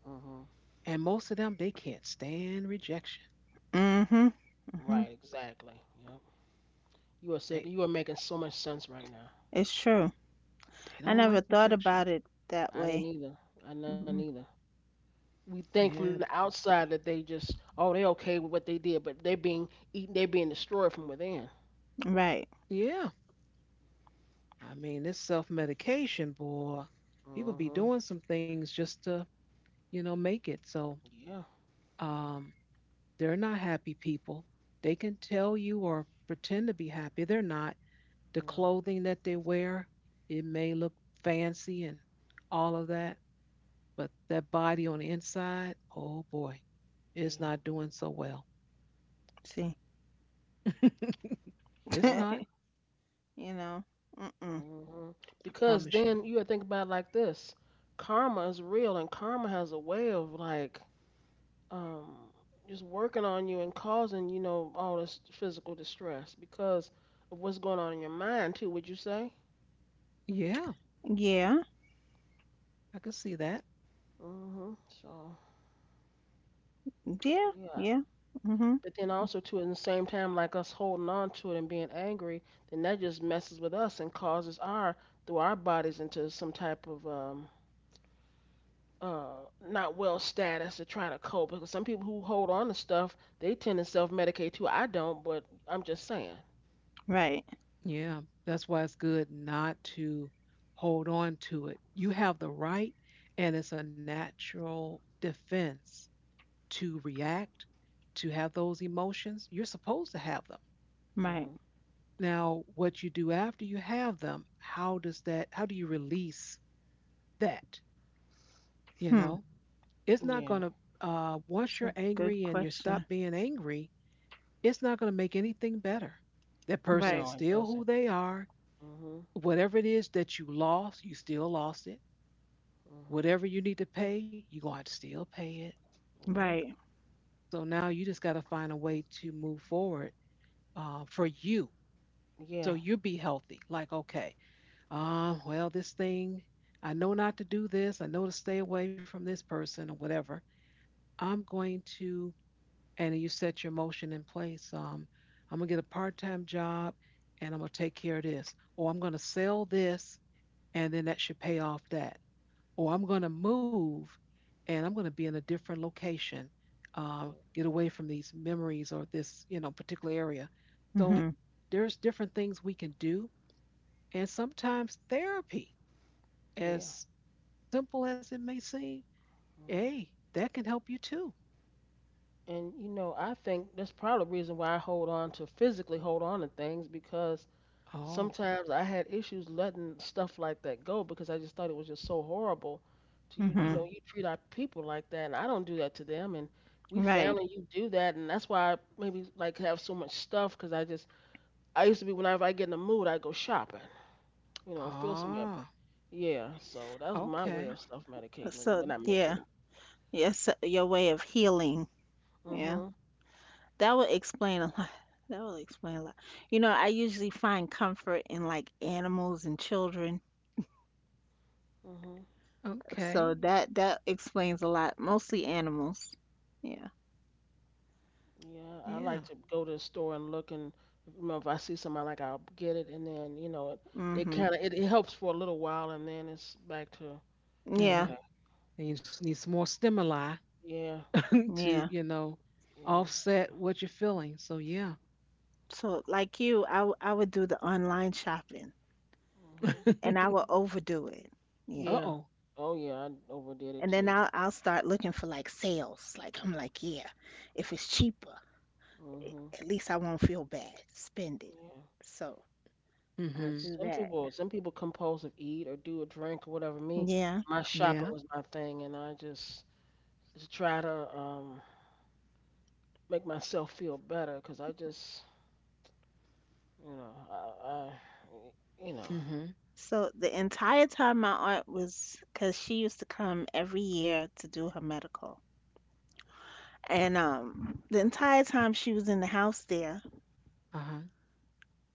[SPEAKER 2] Hmm.
[SPEAKER 1] And most of them they can't stand rejection.
[SPEAKER 3] Mhm. Mhm.
[SPEAKER 2] Right. Exactly. Yep. You are sick.
[SPEAKER 1] They
[SPEAKER 2] You are making so much sense right now.
[SPEAKER 3] It's true.
[SPEAKER 1] they
[SPEAKER 3] I
[SPEAKER 1] don't
[SPEAKER 3] never
[SPEAKER 1] like
[SPEAKER 3] thought
[SPEAKER 1] rejection.
[SPEAKER 3] about it that
[SPEAKER 2] I didn't
[SPEAKER 3] way.
[SPEAKER 2] either. I didn't
[SPEAKER 3] Mhm.
[SPEAKER 2] either. We think from the
[SPEAKER 1] And
[SPEAKER 2] outside that they just, oh, they're okay with what they did, but they're being eaten. They're being destroyed from within.
[SPEAKER 3] Right.
[SPEAKER 1] yeah, I mean this self medication, boy. People be
[SPEAKER 2] Hmm.
[SPEAKER 1] doing some things just to you know, make it. So
[SPEAKER 2] Yeah.
[SPEAKER 1] um, they're not happy people. They can tell you or pretend to be happy. They're not. The
[SPEAKER 2] No.
[SPEAKER 1] clothing that they wear, it may look fancy and all of that, but that body on the inside, oh boy, it's
[SPEAKER 2] Yeah.
[SPEAKER 1] not doing so well.
[SPEAKER 3] See.
[SPEAKER 1] it's
[SPEAKER 2] Yep.
[SPEAKER 1] not, I
[SPEAKER 3] You know. Mm-mm.
[SPEAKER 2] Hmm. Because
[SPEAKER 1] promise you.
[SPEAKER 2] then you gotta think about it like this: karma is real, and karma has a way of like, um, just working on you and causing, you know, all this physical distress because of what's going on in your mind too. Would you say?
[SPEAKER 1] Yeah,
[SPEAKER 3] Yeah.
[SPEAKER 1] I can see that.
[SPEAKER 2] Hmm. So.
[SPEAKER 3] Yeah.
[SPEAKER 2] Yeah,
[SPEAKER 3] Yeah. Mhm.
[SPEAKER 2] but then also too, at the same time, like us holding on to it and being angry, then that just messes with us and causes our through our bodies into some type of um uh not well status to try to cope. Because some people who hold on to stuff, they tend to self medicate too. I don't, but I'm just saying.
[SPEAKER 3] Right.
[SPEAKER 1] Yeah, that's why it's good not to hold on to it. You have the right, and it's a natural defense to react, to have those emotions. You're supposed to have them.
[SPEAKER 2] Hmm.
[SPEAKER 3] Right.
[SPEAKER 1] Now, what you do after you have them, how does that, how do you release that? You know,
[SPEAKER 3] Hmm.
[SPEAKER 1] it's not going to,
[SPEAKER 2] Yeah.
[SPEAKER 1] uh, once you're
[SPEAKER 3] So good
[SPEAKER 1] angry and you
[SPEAKER 3] question.
[SPEAKER 1] stop being angry, it's not going to make anything better. That person
[SPEAKER 3] Right.
[SPEAKER 1] is
[SPEAKER 2] No, it
[SPEAKER 1] still
[SPEAKER 2] doesn't.
[SPEAKER 1] who they are.
[SPEAKER 2] Mhm.
[SPEAKER 1] Whatever it is that you lost, you still lost it.
[SPEAKER 2] Mhm.
[SPEAKER 1] Whatever you need to pay, you're going to have to still pay it.
[SPEAKER 2] Yeah.
[SPEAKER 3] Right.
[SPEAKER 1] So now you just got to find a way to move forward uh, for you. So
[SPEAKER 2] Yeah.
[SPEAKER 1] you be healthy. Like, okay, uh, well, this thing, I know not to do this. I know to stay away from this person or whatever. I'm going to, and you set your motion in place. Um, I'm gonna get a part-time job, and I'm gonna take care of this, or I'm gonna sell this, and then that should pay off that, or I'm gonna move, and I'm gonna be in a different location, uh, get away from these memories or this, you know, particular area. So
[SPEAKER 3] Mhm.
[SPEAKER 1] there's different things we can do and sometimes therapy,
[SPEAKER 2] Yeah.
[SPEAKER 1] as simple as it may seem,
[SPEAKER 2] Mhm.
[SPEAKER 1] hey, that can help you too.
[SPEAKER 2] And you know, I think that's probably the reason why I hold on to physically hold on to things because
[SPEAKER 1] Oh,
[SPEAKER 2] sometimes I had issues letting stuff like that go because I just thought it was just so horrible. To you,
[SPEAKER 1] uh
[SPEAKER 2] you
[SPEAKER 3] Mhm.
[SPEAKER 2] know,
[SPEAKER 1] huh.
[SPEAKER 2] you treat our people like that, and I don't do that to them. And we found
[SPEAKER 3] Right.
[SPEAKER 2] that you do that, and that's why I maybe like have so much stuff because I just I used to be whenever I get in the mood, I go shopping, you know, and feel somewhere. But
[SPEAKER 1] Ah,
[SPEAKER 2] yeah, so that's my way of
[SPEAKER 1] okay.
[SPEAKER 2] self medicating is
[SPEAKER 3] So
[SPEAKER 2] when I
[SPEAKER 3] yeah.
[SPEAKER 2] medicating.
[SPEAKER 3] Yes. Your way of healing. Yeah.
[SPEAKER 2] Mhm,
[SPEAKER 3] That would explain a lot. That would explain a lot. You know, I usually find comfort in like animals and children.
[SPEAKER 2] mhm.
[SPEAKER 3] So
[SPEAKER 1] Okay.
[SPEAKER 3] that that explains a lot. Mostly animals. Yeah.
[SPEAKER 2] Yeah, I
[SPEAKER 1] Yeah.
[SPEAKER 2] like to go to the store and look, and you know, if I see something I like, I'll get it, and then you know, it they
[SPEAKER 3] Hmm.
[SPEAKER 2] kind of it, it helps for a little while, and then it's back to
[SPEAKER 3] Yeah.
[SPEAKER 1] Mm-hmm.
[SPEAKER 2] okay,
[SPEAKER 1] And you just need some more stimuli
[SPEAKER 2] yeah,
[SPEAKER 1] to,
[SPEAKER 3] Yeah.
[SPEAKER 1] you know,
[SPEAKER 2] yes,
[SPEAKER 1] offset what you're feeling. So, yeah.
[SPEAKER 3] So like you, I w- I would do the online shopping
[SPEAKER 2] mhm,
[SPEAKER 3] and I would overdo it. Yeah.
[SPEAKER 1] Uh
[SPEAKER 2] yeah,
[SPEAKER 1] oh.
[SPEAKER 2] oh yeah, I overdid it
[SPEAKER 3] And then
[SPEAKER 2] too.
[SPEAKER 3] I'll I'll start looking for like sales. Like I'm like, yeah, if it's cheaper,
[SPEAKER 2] Mhm,
[SPEAKER 3] at least I won't feel bad spending.
[SPEAKER 2] yeah,
[SPEAKER 3] So I'll
[SPEAKER 1] Mm-hmm.
[SPEAKER 2] 'cause
[SPEAKER 3] do
[SPEAKER 2] some
[SPEAKER 3] that.
[SPEAKER 2] people some people compulsive eat or do a drink or whatever. Me,
[SPEAKER 3] Yeah.
[SPEAKER 2] my shopping
[SPEAKER 1] Yeah.
[SPEAKER 2] was my thing, and I just to try to um make myself feel better, 'cause I just you know I, I you know.
[SPEAKER 1] Mm-hmm.
[SPEAKER 3] So the entire time my aunt was, because she used to come every year to do her medical. And um, the entire time she was in the house there,
[SPEAKER 1] Uh-huh.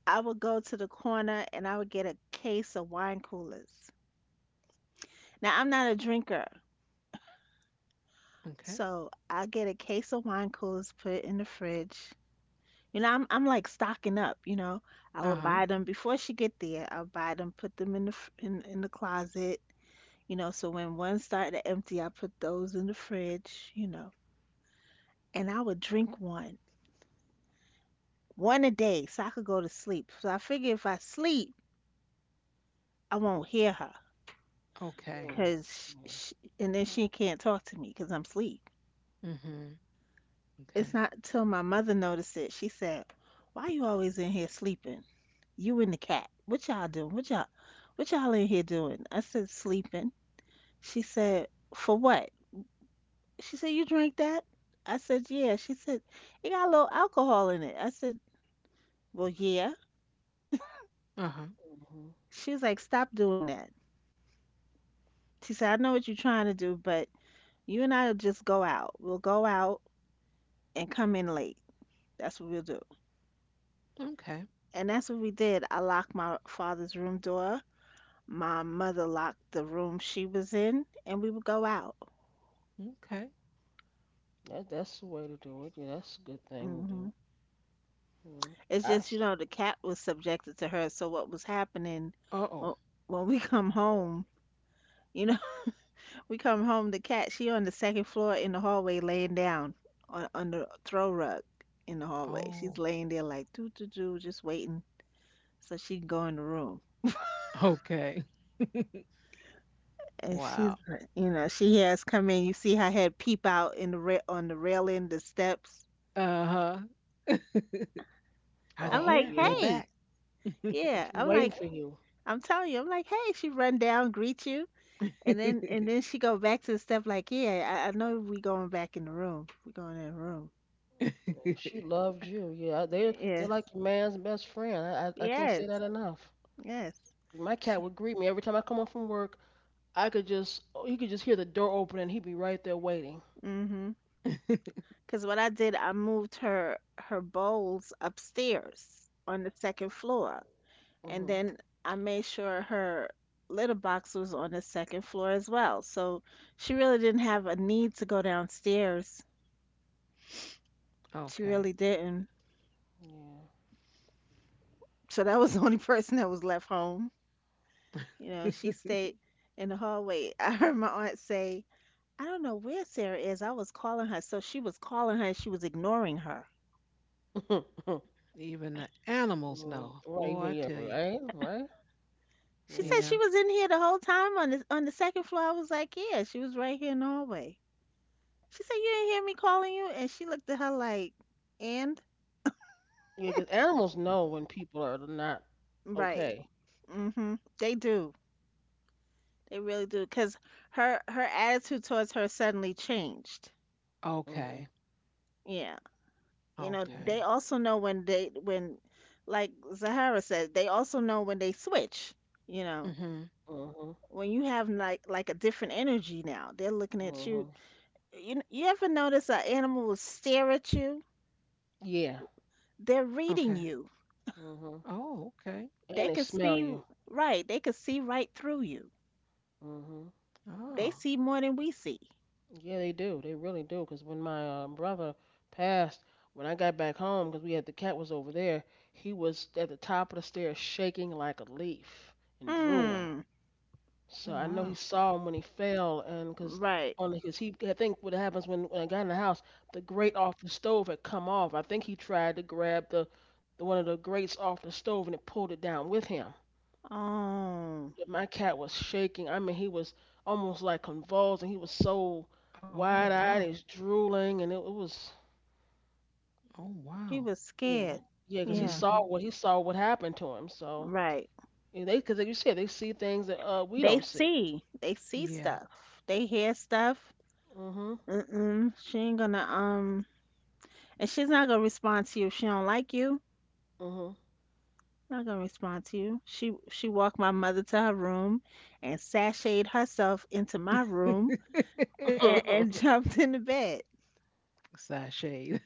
[SPEAKER 3] I would go to the corner and I would get a case of wine coolers. Now, I'm not a drinker,
[SPEAKER 1] Okay.
[SPEAKER 3] so I get a case of wine coolers, put it in the fridge. You know, I'm, I'm like stocking up, you know. I would
[SPEAKER 1] Uh-huh.
[SPEAKER 3] buy
[SPEAKER 2] Mm-hmm.
[SPEAKER 3] them before she get there. I'll buy them, put them in the fr- in, in the closet, you know, so when one started to empty, I put those in the fridge, you know. And I would drink one, one a day, so I could go to sleep. So I figure if I sleep, I won't hear her,
[SPEAKER 1] Okay.
[SPEAKER 2] Mm,
[SPEAKER 3] cause sh
[SPEAKER 2] yeah.
[SPEAKER 3] sh and then she can't talk to me, cause I'm asleep.
[SPEAKER 1] Mm-hmm. Okay.
[SPEAKER 3] It's not till my mother noticed it. She said, "Why you always in here sleeping? You and the cat. What y'all doing? What y'all, what y'all in here doing?" I said, "Sleeping." She said, "For what?" She said, "You drink that?" I said, "Yeah." She said, "It got a little alcohol in it." I said, "Well, yeah."
[SPEAKER 1] Uh-huh.
[SPEAKER 2] Hmm.
[SPEAKER 3] She was like, "Stop doing that." She said, I know what you're trying to do, but you and I will just go out. We'll go out and come in late. That's what we'll do.
[SPEAKER 1] Okay.
[SPEAKER 3] And that's what we did. I locked my father's room door. My mother locked the room she was in, and we would go out.
[SPEAKER 1] Okay.
[SPEAKER 2] That that's the way to do it. Yeah, that's a good thing to do.
[SPEAKER 3] Hmm.
[SPEAKER 2] You know,
[SPEAKER 3] It's
[SPEAKER 2] I.
[SPEAKER 3] just,
[SPEAKER 2] s-
[SPEAKER 3] you know, the cat was subjected to her. So what was happening
[SPEAKER 1] Uh oh.
[SPEAKER 3] when, when we come home, you know, we come home, the cat, she on the second floor in the hallway laying down on, on the throw rug in the hallway.
[SPEAKER 1] Oh.
[SPEAKER 3] She's laying there like, doo doo doo, just waiting so she can go in the room.
[SPEAKER 1] Okay.
[SPEAKER 3] And she's,
[SPEAKER 1] Wow.
[SPEAKER 3] like- you know, she has come in. You see her head peep out in the ra- on the railing, the steps.
[SPEAKER 1] Uh huh. Are they
[SPEAKER 3] I'm
[SPEAKER 2] Oh
[SPEAKER 3] like,
[SPEAKER 1] here? Are they
[SPEAKER 2] yeah.
[SPEAKER 3] hey,
[SPEAKER 1] back?
[SPEAKER 2] And
[SPEAKER 3] yeah.
[SPEAKER 2] she's
[SPEAKER 3] I'm
[SPEAKER 2] waiting
[SPEAKER 3] like,
[SPEAKER 2] for you.
[SPEAKER 3] I'm telling you, I'm like, hey. She run down, greet you, and then and then she go back to the step. Like, yeah, I, I know we going back in the room. We going in the room.
[SPEAKER 2] Yeah, she loved you. Yeah, they they're
[SPEAKER 3] Yes,
[SPEAKER 2] like your man's best friend. I, I I can't
[SPEAKER 3] yes,
[SPEAKER 2] say that enough.
[SPEAKER 3] yes.
[SPEAKER 2] 'Cause my cat
[SPEAKER 3] She,
[SPEAKER 2] would greet me every time I come home from work. I could just oh, he could just hear the door open and he'd be right there waiting.
[SPEAKER 3] mm-hmm. Because what I did, I moved her her bowls upstairs on the second floor. And
[SPEAKER 2] Mhm.
[SPEAKER 3] then I made sure her litter box was on the second floor as well. So she really didn't have a need to go downstairs. She
[SPEAKER 1] Okay.
[SPEAKER 3] really didn't.
[SPEAKER 2] Yeah.
[SPEAKER 3] So that was the only person that was left home. You know, she stayed in the hallway. I heard my aunt say, I don't know where Sarah is. I was calling her. So she was calling her and she was ignoring her.
[SPEAKER 1] Even the animals
[SPEAKER 2] Mm,
[SPEAKER 1] know.
[SPEAKER 2] right.
[SPEAKER 1] Boy,
[SPEAKER 2] Even
[SPEAKER 1] I
[SPEAKER 2] yeah.
[SPEAKER 1] tell you.
[SPEAKER 2] Right. Right.
[SPEAKER 3] She said
[SPEAKER 2] Yeah.
[SPEAKER 1] Yeah.
[SPEAKER 3] she was in here the whole time on the, on the second floor. I was like, yeah, she was right here in the hallway. She said, you didn't hear me calling you? And she looked at her like, and?
[SPEAKER 2] Yeah. Because animals know when people are not
[SPEAKER 3] Right.
[SPEAKER 2] okay.
[SPEAKER 3] hmm They do. They really do. Cause her her attitude towards her suddenly changed.
[SPEAKER 1] Okay.
[SPEAKER 2] Mhm.
[SPEAKER 3] Yeah. You know,
[SPEAKER 1] Okay.
[SPEAKER 2] Yeah.
[SPEAKER 3] they also know when they when like Zahara said, they also know when they switch, you know.
[SPEAKER 1] Mhm.
[SPEAKER 2] Mhm.
[SPEAKER 3] When you have like like a different energy now, they're looking at you.
[SPEAKER 2] Mhm.
[SPEAKER 3] You you ever notice an animal will stare at you?
[SPEAKER 2] Yeah.
[SPEAKER 3] They're reading
[SPEAKER 1] Okay.
[SPEAKER 3] you.
[SPEAKER 2] Mhm.
[SPEAKER 1] Oh, okay.
[SPEAKER 3] They
[SPEAKER 2] And they
[SPEAKER 3] can
[SPEAKER 2] smell
[SPEAKER 3] see
[SPEAKER 2] you.
[SPEAKER 3] right. They can see right through you.
[SPEAKER 2] Mhm.
[SPEAKER 3] They
[SPEAKER 1] Oh.
[SPEAKER 3] see more than we see.
[SPEAKER 2] Yeah, they do. They really do. 'Cause when my uh, brother passed, when I got back home, 'cause we had the cat was over there, he was at the top of the stairs shaking like a leaf and drooling.
[SPEAKER 3] Mm.
[SPEAKER 2] So
[SPEAKER 1] Oh
[SPEAKER 2] I know he
[SPEAKER 1] wow.
[SPEAKER 2] saw him when he fell, and 'cause
[SPEAKER 3] Right.
[SPEAKER 2] on his he, I think what happens when, when I got in the house, the grate off the stove had come off. I think he tried to grab the, the one of the grates off the stove and it pulled it down with him.
[SPEAKER 3] Oh.
[SPEAKER 2] My cat was shaking. I mean, he was almost like convulsed, and he was so
[SPEAKER 1] Oh wow.
[SPEAKER 2] wide-eyed, he's drooling, and it, it was
[SPEAKER 1] Oh
[SPEAKER 3] She
[SPEAKER 1] wow.
[SPEAKER 3] was
[SPEAKER 2] yeah,
[SPEAKER 3] scared.
[SPEAKER 2] yeah, because he
[SPEAKER 3] Yeah,
[SPEAKER 2] saw
[SPEAKER 1] Mhm.
[SPEAKER 2] what he saw what happened to him. So
[SPEAKER 3] right.
[SPEAKER 2] and they, because like you said, they see things that uh we
[SPEAKER 3] They
[SPEAKER 2] don't see.
[SPEAKER 3] see. They see
[SPEAKER 1] Yeah.
[SPEAKER 3] stuff. They hear stuff.
[SPEAKER 2] Mhm,
[SPEAKER 3] Mm-mm. She ain't gonna um and she's not gonna respond to you if she don't like you.
[SPEAKER 2] mhm.
[SPEAKER 3] Not gonna respond to you. She she walked my mother to her room and sashayed herself into my room and, and jumped in the bed.
[SPEAKER 1] Sashayed.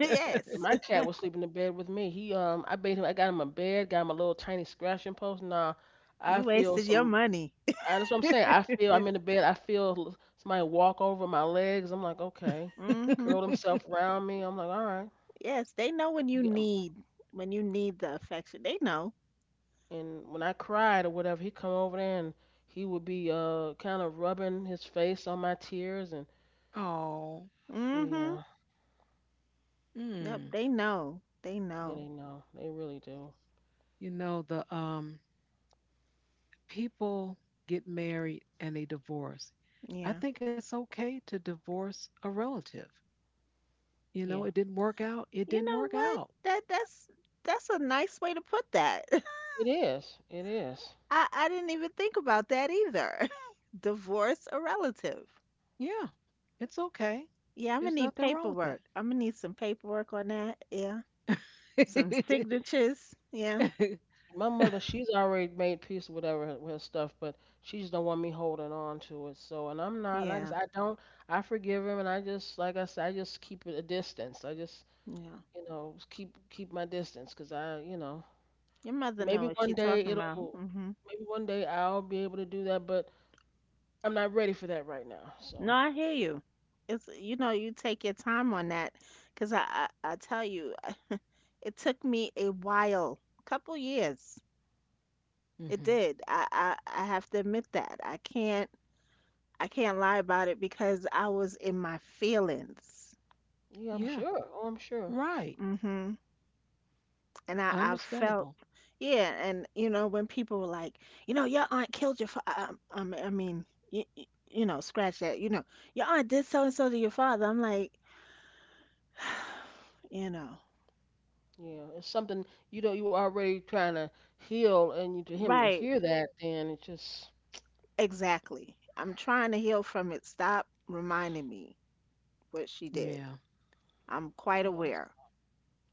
[SPEAKER 2] Yeah,
[SPEAKER 3] Yes.
[SPEAKER 2] my cat was sleeping in bed with me. He um, I made him, I got him a bed, got him a little tiny scratching post. Nah, I
[SPEAKER 3] You
[SPEAKER 2] feel
[SPEAKER 3] wasted your
[SPEAKER 2] some
[SPEAKER 3] money.
[SPEAKER 2] I, that's what I'm saying. I feel I'm in the bed. I feel l- somebody walk over my legs. I'm like, okay.
[SPEAKER 3] Mm-hmm.
[SPEAKER 2] Curl himself around me. I'm like, all right.
[SPEAKER 3] Yes, they know when you
[SPEAKER 2] You get, um,
[SPEAKER 3] need when you need the affection. They know.
[SPEAKER 2] and when I cried or whatever, he come over there and he would be uh kind of rubbing his face on my tears and
[SPEAKER 1] Oh,
[SPEAKER 3] Mm-hmm.
[SPEAKER 2] yeah,
[SPEAKER 3] Yep,
[SPEAKER 1] mm.
[SPEAKER 3] they know. They
[SPEAKER 2] yeah
[SPEAKER 3] know.
[SPEAKER 2] they know they really do.
[SPEAKER 1] You know, the um people get married and they divorce. I
[SPEAKER 3] Yeah.
[SPEAKER 1] think it's okay to divorce a relative. You know,
[SPEAKER 2] Yeah,
[SPEAKER 1] it didn't work out. It
[SPEAKER 3] You
[SPEAKER 1] didn't
[SPEAKER 3] know
[SPEAKER 1] work
[SPEAKER 3] what?
[SPEAKER 1] out.
[SPEAKER 3] That that's that's a nice way to put that.
[SPEAKER 2] it is. It is.
[SPEAKER 3] I I didn't even think about that either. Divorce a relative.
[SPEAKER 1] Yeah, it's okay.
[SPEAKER 3] Yeah, I'm
[SPEAKER 1] There's
[SPEAKER 3] gonna need
[SPEAKER 1] nothing wrong with that.
[SPEAKER 3] paperwork. I'm gonna need some paperwork on that. Yeah. Some signatures. Yeah.
[SPEAKER 2] And my mother, she's already made peace with whatever her- with her stuff, but she just don't want me holding on to it. So, and I'm not like I
[SPEAKER 3] Yeah.
[SPEAKER 2] said, I don't. I forgive him, and I just like I said, I just keep it a distance. I just
[SPEAKER 3] Yeah.
[SPEAKER 2] you know s- keep keep my distance, 'cause I you know
[SPEAKER 3] Your mother know
[SPEAKER 2] maybe
[SPEAKER 3] what she
[SPEAKER 2] one day
[SPEAKER 3] talking about.
[SPEAKER 2] it'll
[SPEAKER 3] hmm
[SPEAKER 2] maybe one day I'll be able to do that, but I'm not ready for that right now.
[SPEAKER 3] No,
[SPEAKER 2] So
[SPEAKER 3] I hear you. It's you know, you take your time on that 'cause I, I I tell you, it took me a while, couple years. It
[SPEAKER 1] Hmm.
[SPEAKER 3] did. I, I I have to admit that. I can't I can't lie about it because I was in my feelings.
[SPEAKER 2] yeah, I'm
[SPEAKER 1] Yeah,
[SPEAKER 2] sure. Oh, I'm sure.
[SPEAKER 1] right.
[SPEAKER 3] hmm And I, I felt
[SPEAKER 1] Understandable.
[SPEAKER 3] yeah, and you know when people were like, you know, your aunt killed your father. I, mean- I mean, you, you know, scratch that. You know, your aunt did so and so to your father. I'm like, you know,
[SPEAKER 2] Yeah, it's something you know you already trying to heal, and you to him to
[SPEAKER 3] right,
[SPEAKER 2] hear that, then it just
[SPEAKER 3] exactly. I'm trying to heal from it. Stop reminding me what she did.
[SPEAKER 1] Yeah,
[SPEAKER 3] I'm quite
[SPEAKER 2] yeah.
[SPEAKER 3] aware.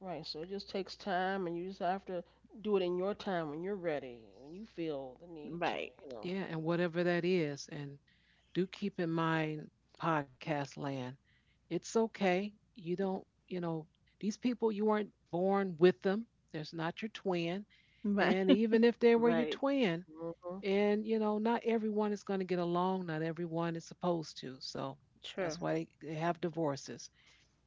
[SPEAKER 2] Right, so it just takes time, and you just have to do it in your time when you're ready, when you feel the need to,
[SPEAKER 3] Right.
[SPEAKER 2] you
[SPEAKER 1] yeah,
[SPEAKER 2] know.
[SPEAKER 1] and whatever that is, and do keep in mind podcast land. It's okay. You don't, you know, these people, you weren't born with them. There's not your twin.
[SPEAKER 3] Right.
[SPEAKER 1] And even if they were your
[SPEAKER 3] Right.
[SPEAKER 1] twin,
[SPEAKER 2] Hmm.
[SPEAKER 1] and, you know, not everyone is going to get along. Not everyone is supposed to. So that's
[SPEAKER 3] True.
[SPEAKER 1] why they, have divorces.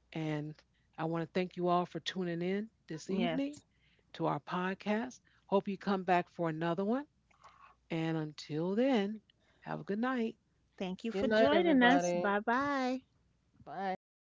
[SPEAKER 1] And I want to thank you all for tuning in this evening
[SPEAKER 3] Yes.
[SPEAKER 1] to our podcast. Hope you come back for another one. And until then, have a good night.
[SPEAKER 3] Thank you for
[SPEAKER 2] Good night,
[SPEAKER 3] joining us.
[SPEAKER 2] everybody.
[SPEAKER 3] Bye bye.
[SPEAKER 2] Bye.